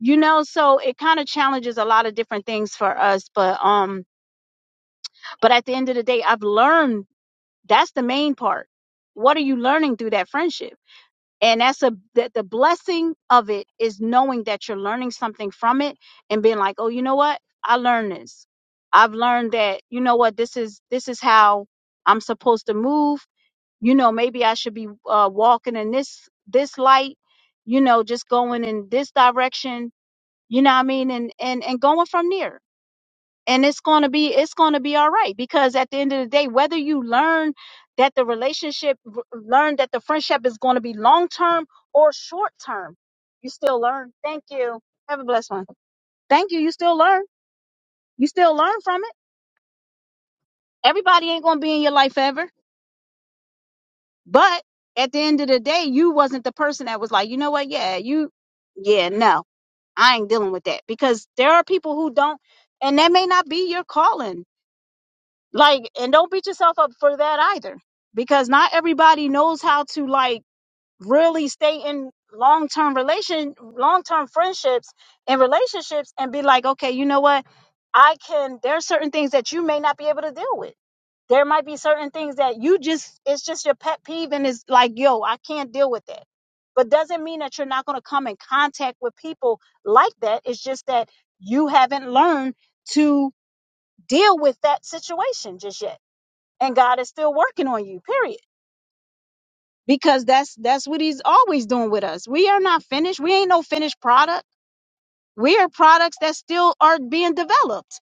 Speaker 1: you know so it kind of challenges a lot of different things for us but um but at the end of the day i've learned that's the main part what are you learning through that friendship and that's a that the blessing of it is knowing that you're learning something from it and being like oh you know what i learned this i've learned that you know what this is this is how i'm supposed to move you know maybe i should be uh, walking in this this light you know just going in this direction you know what i mean and and and going from there and it's going to be it's going to be all right because at the end of the day whether you learn that the relationship learn that the friendship is going to be long term or short term you still learn thank you have a blessed one thank you you still learn you still learn from it everybody ain't going to be in your life forever but at the end of the day you wasn't the person that was like you know what yeah you yeah no i ain't dealing with that because there are people who don't and that may not be your calling like and don't beat yourself up for that either because not everybody knows how to like really stay in long-term relation long-term friendships and relationships and be like okay you know what i can There are certain things that you may not be able to deal with there might be certain things that you just it's just your pet peeve and it's like yo i can't deal with that but doesn't mean that you're not going to come in contact with people like that it's just that you haven't learned to deal with that situation just yet and God is still working on you. Period. Because that's that's what he's always doing with us. We are not finished. We ain't no finished product. We are products that still are being developed.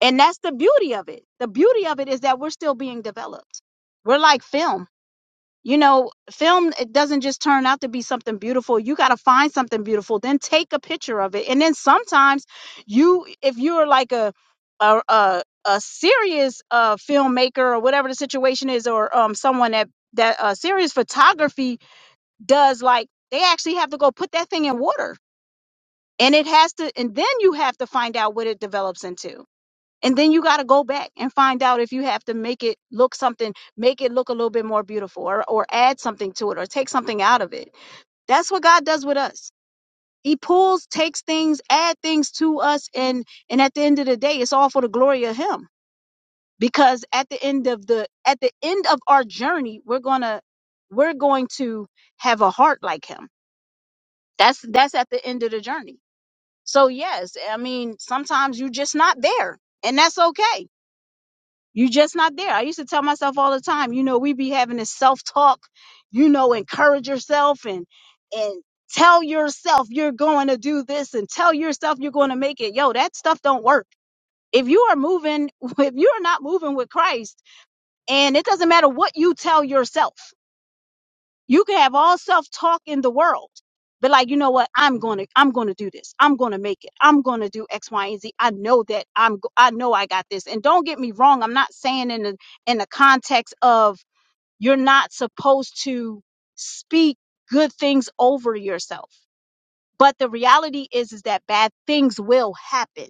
Speaker 1: And that's the beauty of it. The beauty of it is that we're still being developed. We're like film. You know, film it doesn't just turn out to be something beautiful. You got to find something beautiful, then take a picture of it. And then sometimes you if you're like a a a, a serious uh filmmaker or whatever the situation is or um someone that that uh serious photography does like they actually have to go put that thing in water. And it has to and then you have to find out what it develops into and then you got to go back and find out if you have to make it look something, make it look a little bit more beautiful or, or add something to it or take something out of it. That's what God does with us. He pulls, takes things, add things to us and and at the end of the day it's all for the glory of him. Because at the end of the at the end of our journey, we're going to we're going to have a heart like him. That's that's at the end of the journey. So yes, I mean, sometimes you're just not there and that's okay you just not there. I used to tell myself all the time, you know, we be having this self talk, you know, encourage yourself and and tell yourself you're going to do this and tell yourself you're going to make it. Yo, that stuff don't work. If you are moving, [LAUGHS] if you are not moving with Christ, and it doesn't matter what you tell yourself. You can have all self talk in the world, but like, you know what? I'm going to, I'm going to do this. I'm going to make it. I'm going to do X, Y, and Z. I know that I'm, go- I know I got this. And don't get me wrong. I'm not saying in the, in the context of you're not supposed to speak good things over yourself. But the reality is, is that bad things will happen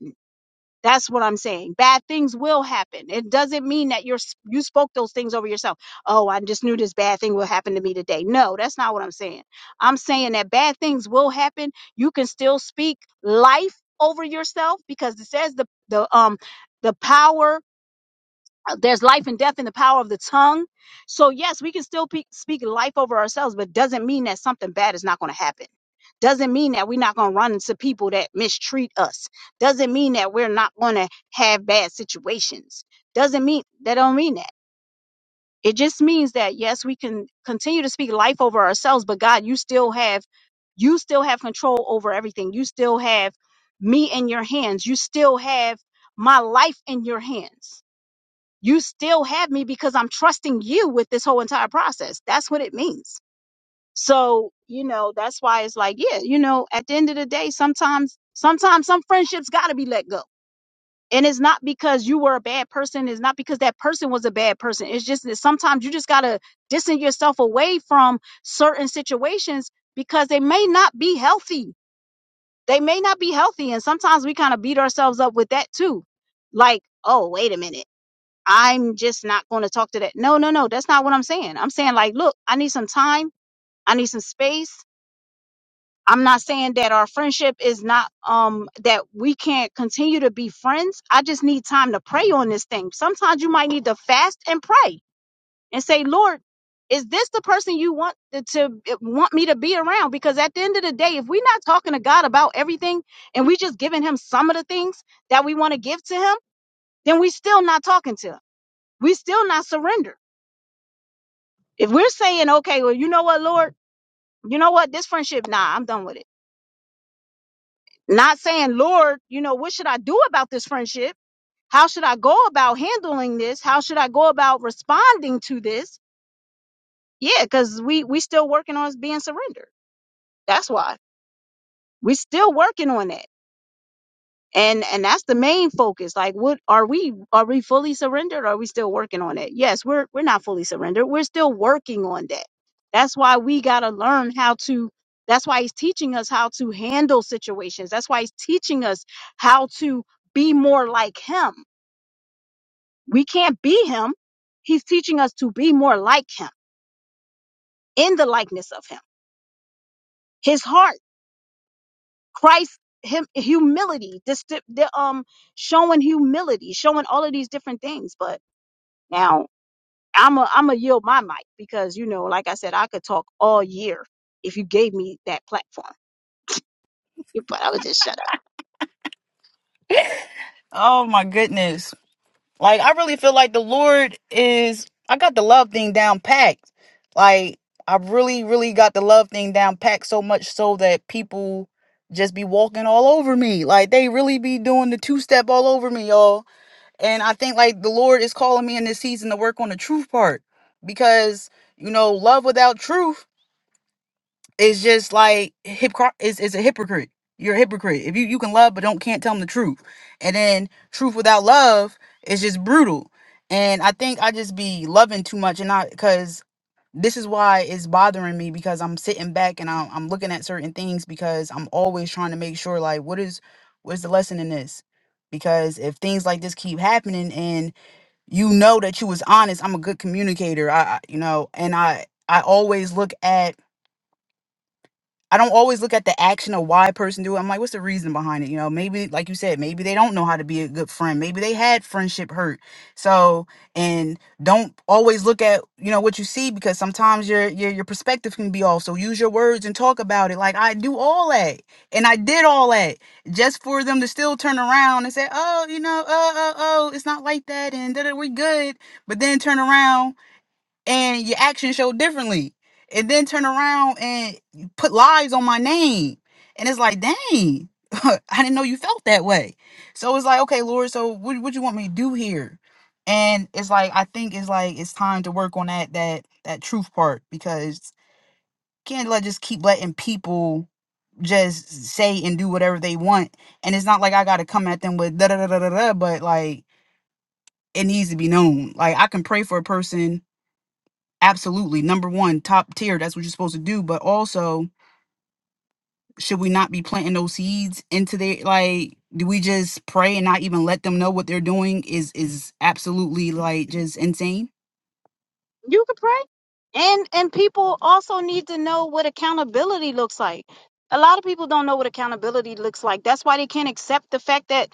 Speaker 1: that's what I'm saying. Bad things will happen. It doesn't mean that you're you spoke those things over yourself. Oh, I just knew this bad thing will happen to me today. No, that's not what I'm saying. I'm saying that bad things will happen. You can still speak life over yourself because it says the the um the power uh, there's life and death in the power of the tongue. So yes, we can still pe- speak life over ourselves, but doesn't mean that something bad is not going to happen. Doesn't mean that we're not going to run into people that mistreat us. Doesn't mean that we're not going to have bad situations. Doesn't mean that don't mean that. It just means that yes, we can continue to speak life over ourselves, but God, you still have you still have control over everything. You still have me in your hands. You still have my life in your hands you still have me because I'm trusting you with this whole entire process. That's what it means. So, you know, that's why it's like, yeah, you know, at the end of the day, sometimes, sometimes some friendships got to be let go. And it's not because you were a bad person. It's not because that person was a bad person. It's just that sometimes you just got to distance yourself away from certain situations because they may not be healthy. They may not be healthy. And sometimes we kind of beat ourselves up with that too. Like, oh, wait a minute. I'm just not going to talk to that. No, no, no. That's not what I'm saying. I'm saying, like, look, I need some time. I need some space. I'm not saying that our friendship is not, um, that we can't continue to be friends. I just need time to pray on this thing. Sometimes you might need to fast and pray and say, Lord, is this the person you want to, to eh, want me to be around? Because at the end of the day, if we're not talking to God about everything and we just giving him some of the things that we want to give to him, then we still not talking to him. We still not surrender. If we're saying, okay, well, you know what, Lord, you know what, this friendship, nah, I'm done with it. Not saying, Lord, you know, what should I do about this friendship? How should I go about handling this? How should I go about responding to this? Yeah, because we we still working on us being surrendered. That's why we still working on that. and and that's the main focus like what are we are we fully surrendered or are we still working on it yes we're we're not fully surrendered we're still working on that that's why we got to learn how to that's why he's teaching us how to handle situations that's why he's teaching us how to be more like him we can't be him he's teaching us to be more like him in the likeness of him his heart christ him humility this the um showing humility showing all of these different things but Now, I'm a I'm a yield my mic because you know, like I said, I could talk all year if you gave me that platform. [LAUGHS] But I would just shut up.
Speaker 2: Oh my goodness. Like I really feel like the Lord is I got the love thing down packed. Like I really, really got the love thing down packed so much so that people just be walking all over me. Like they really be doing the two step all over me, y'all. And I think like the Lord is calling me in this season to work on the truth part. Because, you know, love without truth it's just like hypocr is is a hypocrite. You're a hypocrite. If you you can love but don't can't tell them the truth. And then truth without love is just brutal. And I think I just be loving too much and not cuz this is why it's bothering me because I'm sitting back and I'm, I'm looking at certain things because I'm always trying to make sure like what is what's the lesson in this? Because if things like this keep happening and you know that you was honest, I'm a good communicator. I, I you know, and I I always look at I don't always look at the action or why a person do it. I'm like, what's the reason behind it? You know, maybe like you said, maybe they don't know how to be a good friend. Maybe they had friendship hurt. So, and don't always look at, you know, what you see because sometimes your your your perspective can be off. So use your words and talk about it. Like I do all that. And I did all that just for them to still turn around and say, "Oh, you know, oh, oh, oh, it's not like that and that we good." But then turn around and your actions show differently and then turn around and you put lies on my name and it's like dang [LAUGHS] i didn't know you felt that way so it's like okay lord so what, what you want me to do here and it's like i think it's like it's time to work on that that that truth part because can't let just keep letting people just say and do whatever they want and it's not like i gotta come at them with da da da da da da but like it needs to be known like i can pray for a person Absolutely. Number one, top tier. That's what you're supposed to do. But also, should we not be planting those seeds into their like do we just pray and not even let them know what they're doing is is absolutely like just insane?
Speaker 1: You could pray. And and people also need to know what accountability looks like. A lot of people don't know what accountability looks like. That's why they can't accept the fact that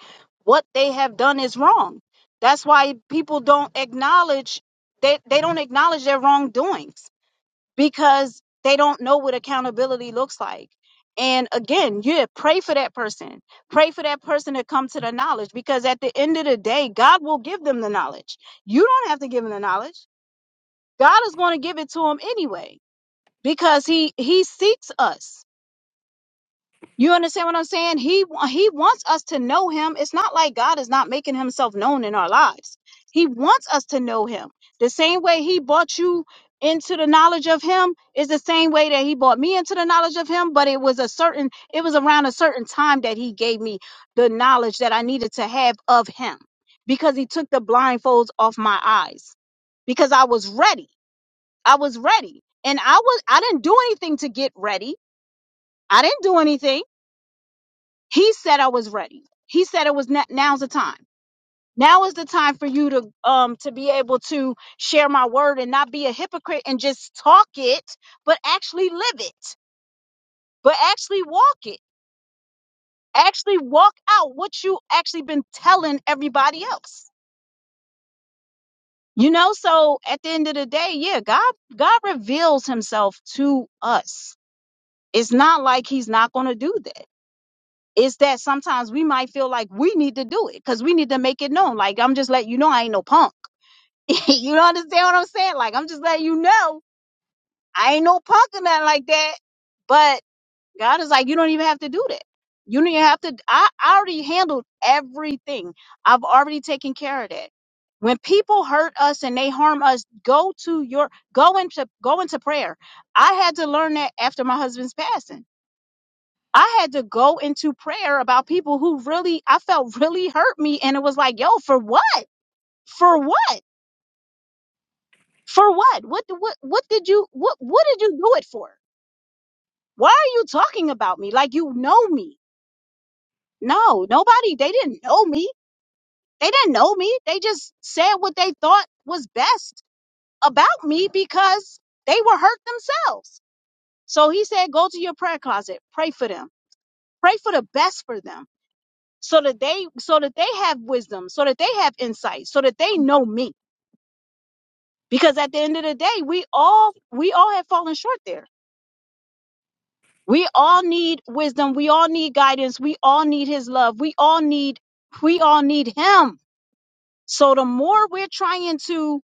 Speaker 1: what they have done is wrong. That's why people don't acknowledge they, they don't acknowledge their wrongdoings because they don't know what accountability looks like. And again, yeah, pray for that person. Pray for that person to come to the knowledge because at the end of the day, God will give them the knowledge. You don't have to give them the knowledge. God is going to give it to them anyway because he he seeks us. You understand what I'm saying? He wa- he wants us to know him. It's not like God is not making himself known in our lives. He wants us to know him. The same way he brought you into the knowledge of him is the same way that he brought me into the knowledge of him, but it was a certain it was around a certain time that he gave me the knowledge that I needed to have of him because he took the blindfolds off my eyes because I was ready. I was ready. And I was I didn't do anything to get ready. I didn't do anything. He said I was ready. He said it was na- now's the time. Now is the time for you to um to be able to share my word and not be a hypocrite and just talk it, but actually live it, but actually walk it, actually walk out what you actually been telling everybody else. You know, so at the end of the day, yeah, God God reveals himself to us. It's not like he's not going to do that. It's that sometimes we might feel like we need to do it because we need to make it known. Like I'm just letting you know I ain't no punk. [LAUGHS] you don't understand what I'm saying? Like I'm just letting you know I ain't no punk or nothing like that. But God is like, you don't even have to do that. You don't even have to. I, I already handled everything. I've already taken care of that. When people hurt us and they harm us, go to your go into go into prayer. I had to learn that after my husband's passing I had to go into prayer about people who really I felt really hurt me and it was like, yo, for what? For what? For what? What what what did you what what did you do it for? Why are you talking about me like you know me? No, nobody they didn't know me. They didn't know me. They just said what they thought was best about me because they were hurt themselves. So he said, go to your prayer closet, pray for them. Pray for the best for them so that they so that they have wisdom so that they have insight so that they know me because at the end of the day we all we all have fallen short there we all need wisdom we all need guidance we all need his love we all need we all need him so the more we're trying to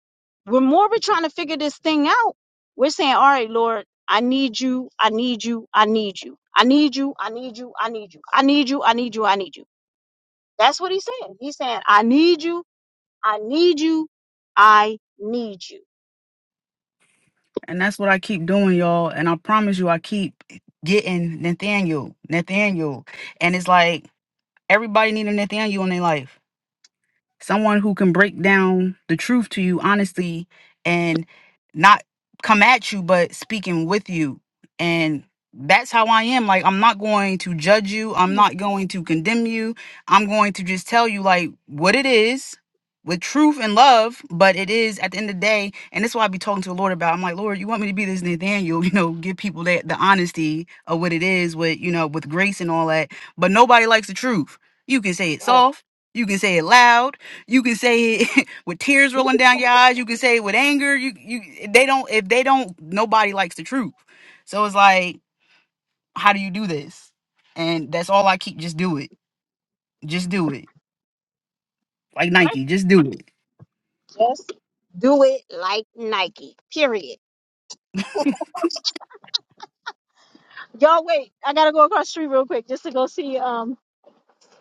Speaker 1: the more we're trying to figure this thing out we're saying all right lord i need you i need you i need you i need you i need you i need you i need you i need you i need you that's what he's saying he's saying i need you I need you. I need you.
Speaker 2: And that's what I keep doing, y'all. And I promise you, I keep getting Nathaniel, Nathaniel. And it's like everybody need a Nathaniel in their life someone who can break down the truth to you honestly and not come at you but speaking with you and that's how I am like I'm not going to judge you I'm not going to condemn you I'm going to just tell you like what it is with truth and love but it is at the end of the day and that's why I be talking to the Lord about I'm like Lord you want me to be this Nathaniel [LAUGHS] you know give people that the honesty of what it is with you know with grace and all that but nobody likes the truth you can say it
Speaker 1: Right.
Speaker 2: soft you can say it loud you can say it [LAUGHS] with tears
Speaker 1: You
Speaker 2: rolling down your eyes. You can say it with anger. You you they don't if they don't nobody likes the truth. So it's like, how do you do this? And that's all I keep. Just do it. Just do it. Like
Speaker 1: Right?
Speaker 2: Nike. Just do it.
Speaker 1: Just do it like Nike. Period. Y'all wait. I gotta go across the street real quick just to go see um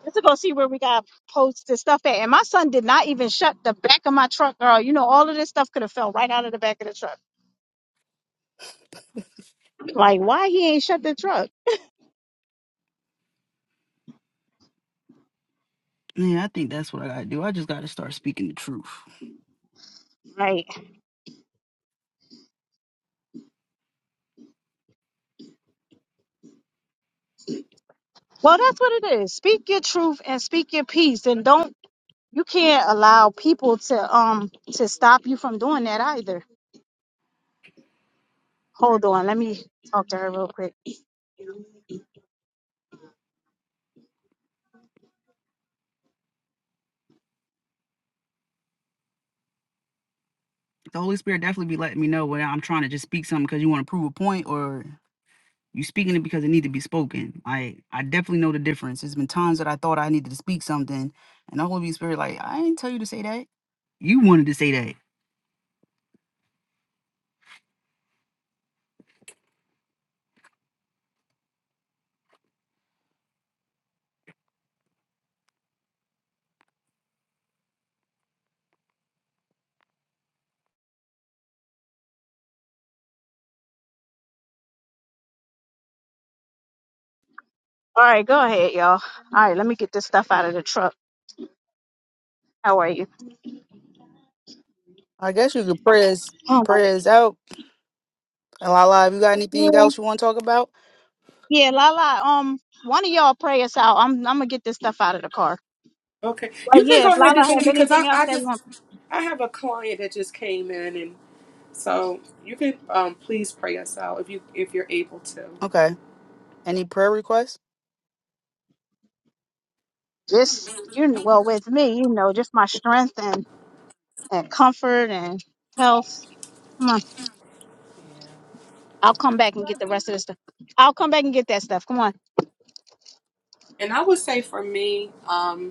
Speaker 1: just to go see where we got posts and stuff at. And my son did not even shut the back of my truck, girl. You know, all of this stuff could have fell right out of the back of the truck. Like, why he ain't shut the truck?
Speaker 2: Yeah, I think that's what I gotta do. I just gotta start speaking the truth.
Speaker 1: Right. Well, that's what it is. Speak your truth and speak your peace and don't you can't allow people to um to stop you from doing that either. Hold on, let me talk to her real quick.
Speaker 2: The Holy Spirit definitely be letting me know when I'm trying to just speak something because you want to prove a point or you speaking it because it need to be spoken. I I definitely know the difference. There's been times that I thought I needed to speak something, and the Holy Spirit like, I didn't tell you to say that You wanted to say that.
Speaker 1: All right, go ahead, y'all. All right, let me get this stuff out of the truck. How are you?
Speaker 2: I guess you could prayers
Speaker 1: Oh my.
Speaker 2: prayers out. And Lala, if you got anything
Speaker 1: Yeah,
Speaker 2: else you want to talk about?
Speaker 1: yeah, Lala. Um, one of y'all pray us out. I'm I'm gonna get this stuff out of the car.
Speaker 3: Okay,
Speaker 1: But
Speaker 3: you can
Speaker 1: yeah,
Speaker 3: go
Speaker 1: if
Speaker 3: ahead,
Speaker 1: Lala have
Speaker 3: Divinity, because I,
Speaker 1: anything else
Speaker 3: I
Speaker 1: they
Speaker 3: just
Speaker 1: want,
Speaker 3: I have a client that just came in So you can um, please pray us out if you if you're able to.
Speaker 2: Okay. Any prayer requests?
Speaker 1: just you kn- well with me, you know, just my strength and and comfort and health. Come on, I'll come back and get the rest of this stuff. I'll come back and get that stuff. Come on.
Speaker 3: And I would say for me, um,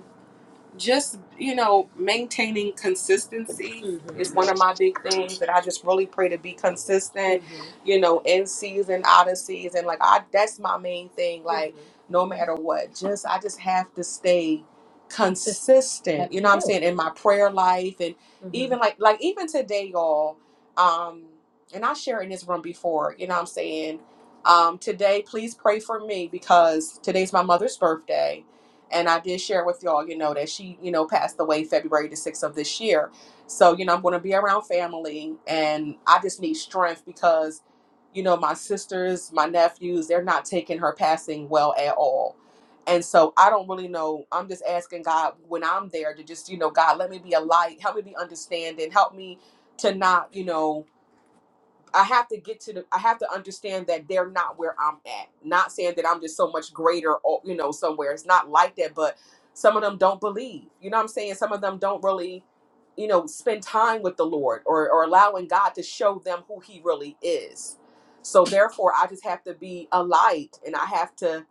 Speaker 3: just you know maintaining consistency Mhm. is one of my big things that i just really pray to be consistent Mhm. you know in season out of season like i that's my main thing like Mhm. no matter what just i just have to stay consistent you know what i'm saying in my prayer life and Mhm. even like like even today y'all um and i shared in this room before you know what i'm saying um today please pray for me because today's my mother's birthday and I did share with y'all, you know, that she, you know, passed away February the 6th of this year. So, you know, I'm going to be around family and I just need strength because, you know, my sisters, my nephews, they're not taking her passing well at all. And so I don't really know. I'm just asking God when I'm there to just, you know, God, let me be a light. Help me be understanding. Help me to not, you know, I have to get to the I have to understand that they're not where I'm at. Not saying that I'm just so much greater or you know, somewhere. It's not like that, but some of them don't believe. You know what I'm saying? Some of them don't really, you know, spend time with the Lord or, or allowing God to show them who he really is. So therefore I just have to be a light and I have to,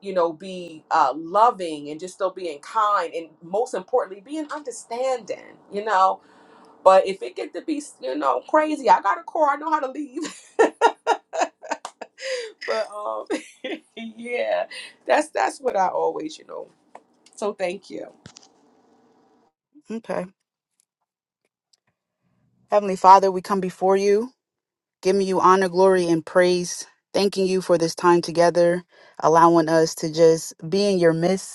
Speaker 3: you know, be uh loving and just still being kind and most importantly being understanding, you know but if it get to be, you know, crazy, I got a car. I know how to leave. [LAUGHS] but um, [LAUGHS] yeah, that's that's what I always, you know. So thank you.
Speaker 2: Okay. Heavenly Father, we come before you, giving you honor, glory, and praise, thanking you for this time together, allowing us to just be in your midst.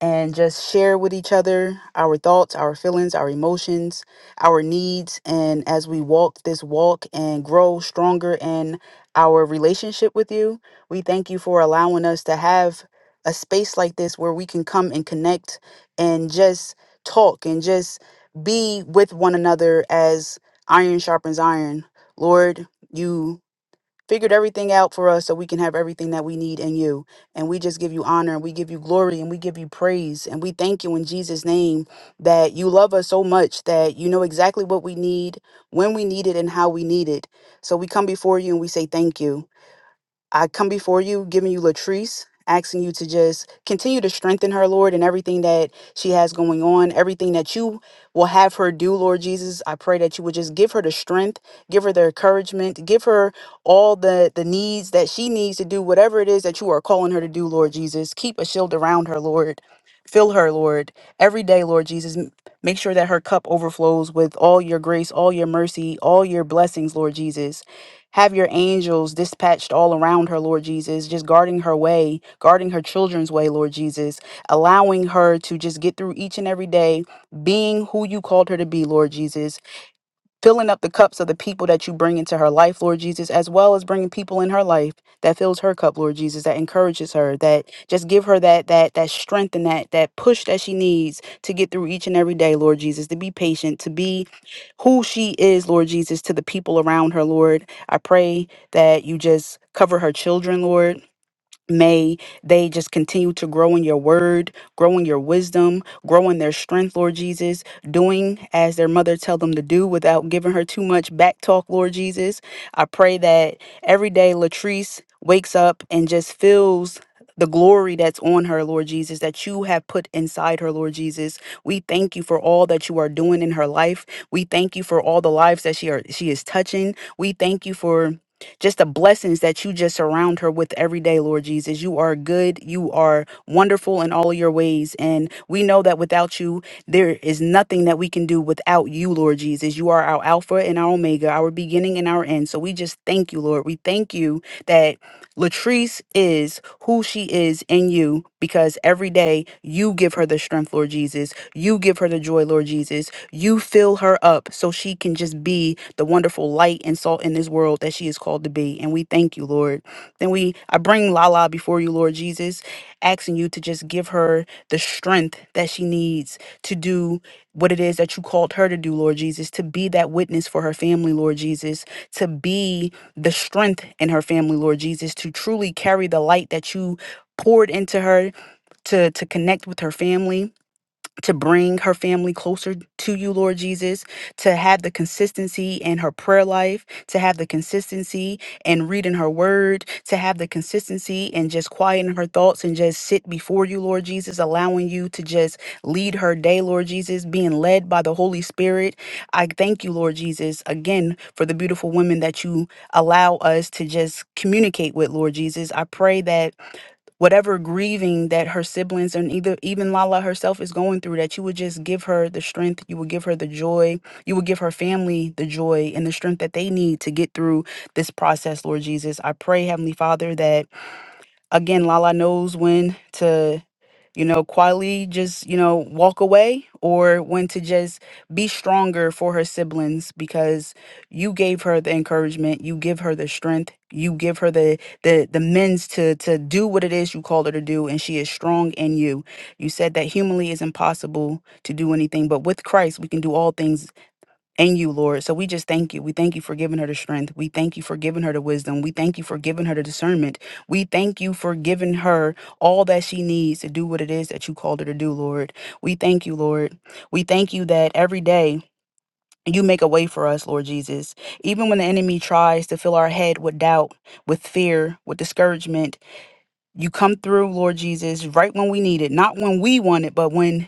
Speaker 2: and just share with each other our thoughts, our feelings, our emotions, our needs. And as we walk this walk and grow stronger in our relationship with you, we thank you for allowing us to have a space like this where we can come and connect and just talk and just be with one another as iron sharpens iron. Lord, you figured everything out for us so we can have everything that we need in you. And we just give you honor and we give you glory and we give you praise. And we thank you in Jesus' name that you love us so much that you know exactly what we need, when we need it, and how we need it. So we come before you and we say thank you. I come before you, giving you Latrice, asking you to just continue to strengthen her, Lord, and everything that she has going on, everything that you will have her do, Lord Jesus. I pray that you would just give her the strength, give her the encouragement, give her all the, the needs that she needs to do, whatever it is that you are calling her to do, Lord Jesus. Keep a shield around her, Lord. Fill her, Lord, every day, Lord Jesus. M- Make sure that her cup overflows with all your grace, all your mercy, all your blessings, Lord Jesus. Have your angels dispatched all around her, Lord Jesus, just guarding her way, guarding her children's way, Lord Jesus, allowing her to just get through each and every day being who you called her to be, Lord Jesus filling up the cups of the people that you bring into her life, Lord Jesus, as well as bringing people in her life that fills her cup, Lord Jesus, that encourages her, that just give her that that that strength and that that push that she needs to get through each and every day, Lord Jesus, to be patient, to be who she is, Lord Jesus, to the people around her, Lord. I pray that you just cover her children, Lord. May they just continue to grow in your word, grow in your wisdom, grow in their strength, Lord Jesus, doing as their mother tell them to do without giving her too much back talk, Lord Jesus. I pray that every day Latrice wakes up and just feels the glory that's on her, Lord Jesus, that you have put inside her, Lord Jesus. We thank you for all that you are doing in her life. We thank you for all the lives that she are she is touching. We thank you for just the blessings that you just surround her with every day, Lord Jesus. You are good, you are wonderful in all of your ways. And we know that without you, there is nothing that we can do without you, Lord Jesus. You are our Alpha and our Omega, our beginning and our end. So we just thank you, Lord. We thank you that Latrice is who she is in you because every day you give her the strength, Lord Jesus. You give her the joy, Lord Jesus. You fill her up so she can just be the wonderful light and salt in this world that she is called to be. And we thank you, Lord. Then we I bring Lala before you, Lord Jesus, asking you to just give her the strength that she needs to do what it is that you called her to do, Lord Jesus, to be that witness for her family, Lord Jesus, to be the strength in her family, Lord Jesus, to truly carry the light that you poured into her to to connect with her family to bring her family closer to you, Lord Jesus, to have the consistency in her prayer life, to have the consistency in reading her word, to have the consistency in just quieting her thoughts and just sit before you, Lord Jesus, allowing you to just lead her day, Lord Jesus, being led by the Holy Spirit. I thank you, Lord Jesus, again for the beautiful women that you allow us to just communicate with, Lord Jesus. I pray that whatever grieving that her siblings and either even Lala herself is going through, that you would just give her the strength, you would give her the joy, you would give her family the joy and the strength that they need to get through this process, Lord Jesus. I pray, Heavenly Father, that again, Lala knows when to you know, quietly just, you know, walk away or when to just be stronger for her siblings because you gave her the encouragement, you give her the strength, you give her the the the means to to do what it is you called her to do and she is strong in you. You said that humanly is impossible to do anything, but with Christ we can do all things and you, Lord. So we just thank you. We thank you for giving her the strength. We thank you for giving her the wisdom. We thank you for giving her the discernment. We thank you for giving her all that she needs to do what it is that you called her to do, Lord. We thank you, Lord. We thank you that every day you make a way for us, Lord Jesus. Even when the enemy tries to fill our head with doubt, with fear, with discouragement, you come through, Lord Jesus, right when we need it. Not when we want it, but when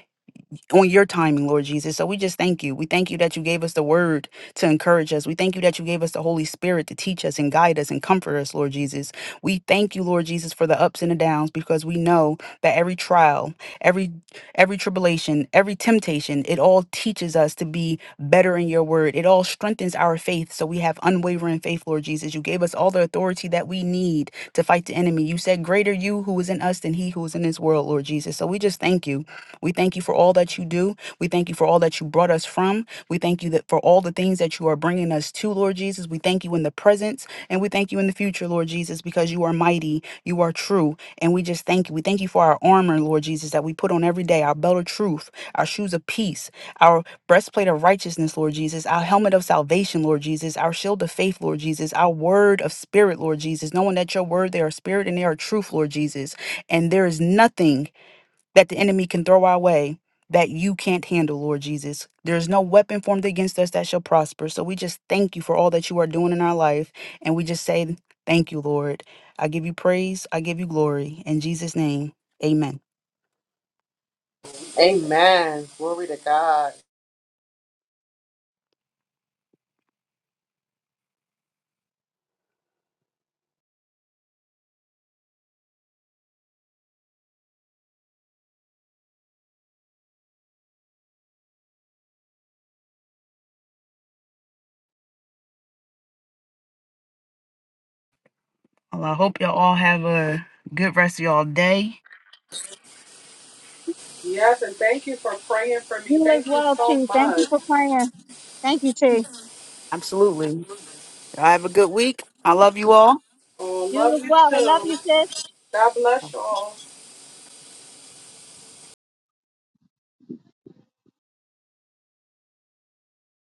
Speaker 2: on your timing, Lord Jesus. So we just thank you. We thank you that you gave us the word to encourage us. We thank you that you gave us the Holy Spirit to teach us and guide us and comfort us, Lord Jesus. We thank you, Lord Jesus, for the ups and the downs because we know that every trial, every every tribulation, every temptation, it all teaches us to be better in your word. It all strengthens our faith. So we have unwavering faith, Lord Jesus. You gave us all the authority that we need to fight the enemy. You said, Greater you who is in us than he who is in this world, Lord Jesus. So we just thank you. We thank you for all that you do. We thank you for all that you brought us from. We thank you that for all the things that you are bringing us to, Lord Jesus. We thank you in the presence and we thank you in the future, Lord Jesus, because you are mighty, you are true, and we just thank you. We thank you for our armor, Lord Jesus, that we put on every day, our belt of truth, our shoes of peace, our breastplate of righteousness, Lord Jesus, our helmet of salvation, Lord Jesus, our shield of faith, Lord Jesus, our word of spirit, Lord Jesus, knowing that your word, they are spirit and they are truth, Lord Jesus. And there is nothing that the enemy can throw our way that you can't handle, Lord Jesus. There is no weapon formed against us that shall prosper. So we just thank you for all that you are doing in our life. And we just say, Thank you, Lord. I give you praise. I give you glory. In Jesus' name, amen.
Speaker 3: Amen. Glory to God.
Speaker 2: Well, I hope y'all all have a good rest of y'all day.
Speaker 3: Yes, and thank you for praying for me.
Speaker 1: You as
Speaker 3: Thank you
Speaker 1: well,
Speaker 3: so
Speaker 1: T. Thank
Speaker 3: much.
Speaker 1: you for praying. Thank you, T.
Speaker 2: Absolutely. Have a good week. I love you all.
Speaker 3: Oh,
Speaker 1: You
Speaker 3: love
Speaker 1: as
Speaker 3: you
Speaker 1: well. We love
Speaker 3: too.
Speaker 1: you, sis.
Speaker 3: God bless y'all.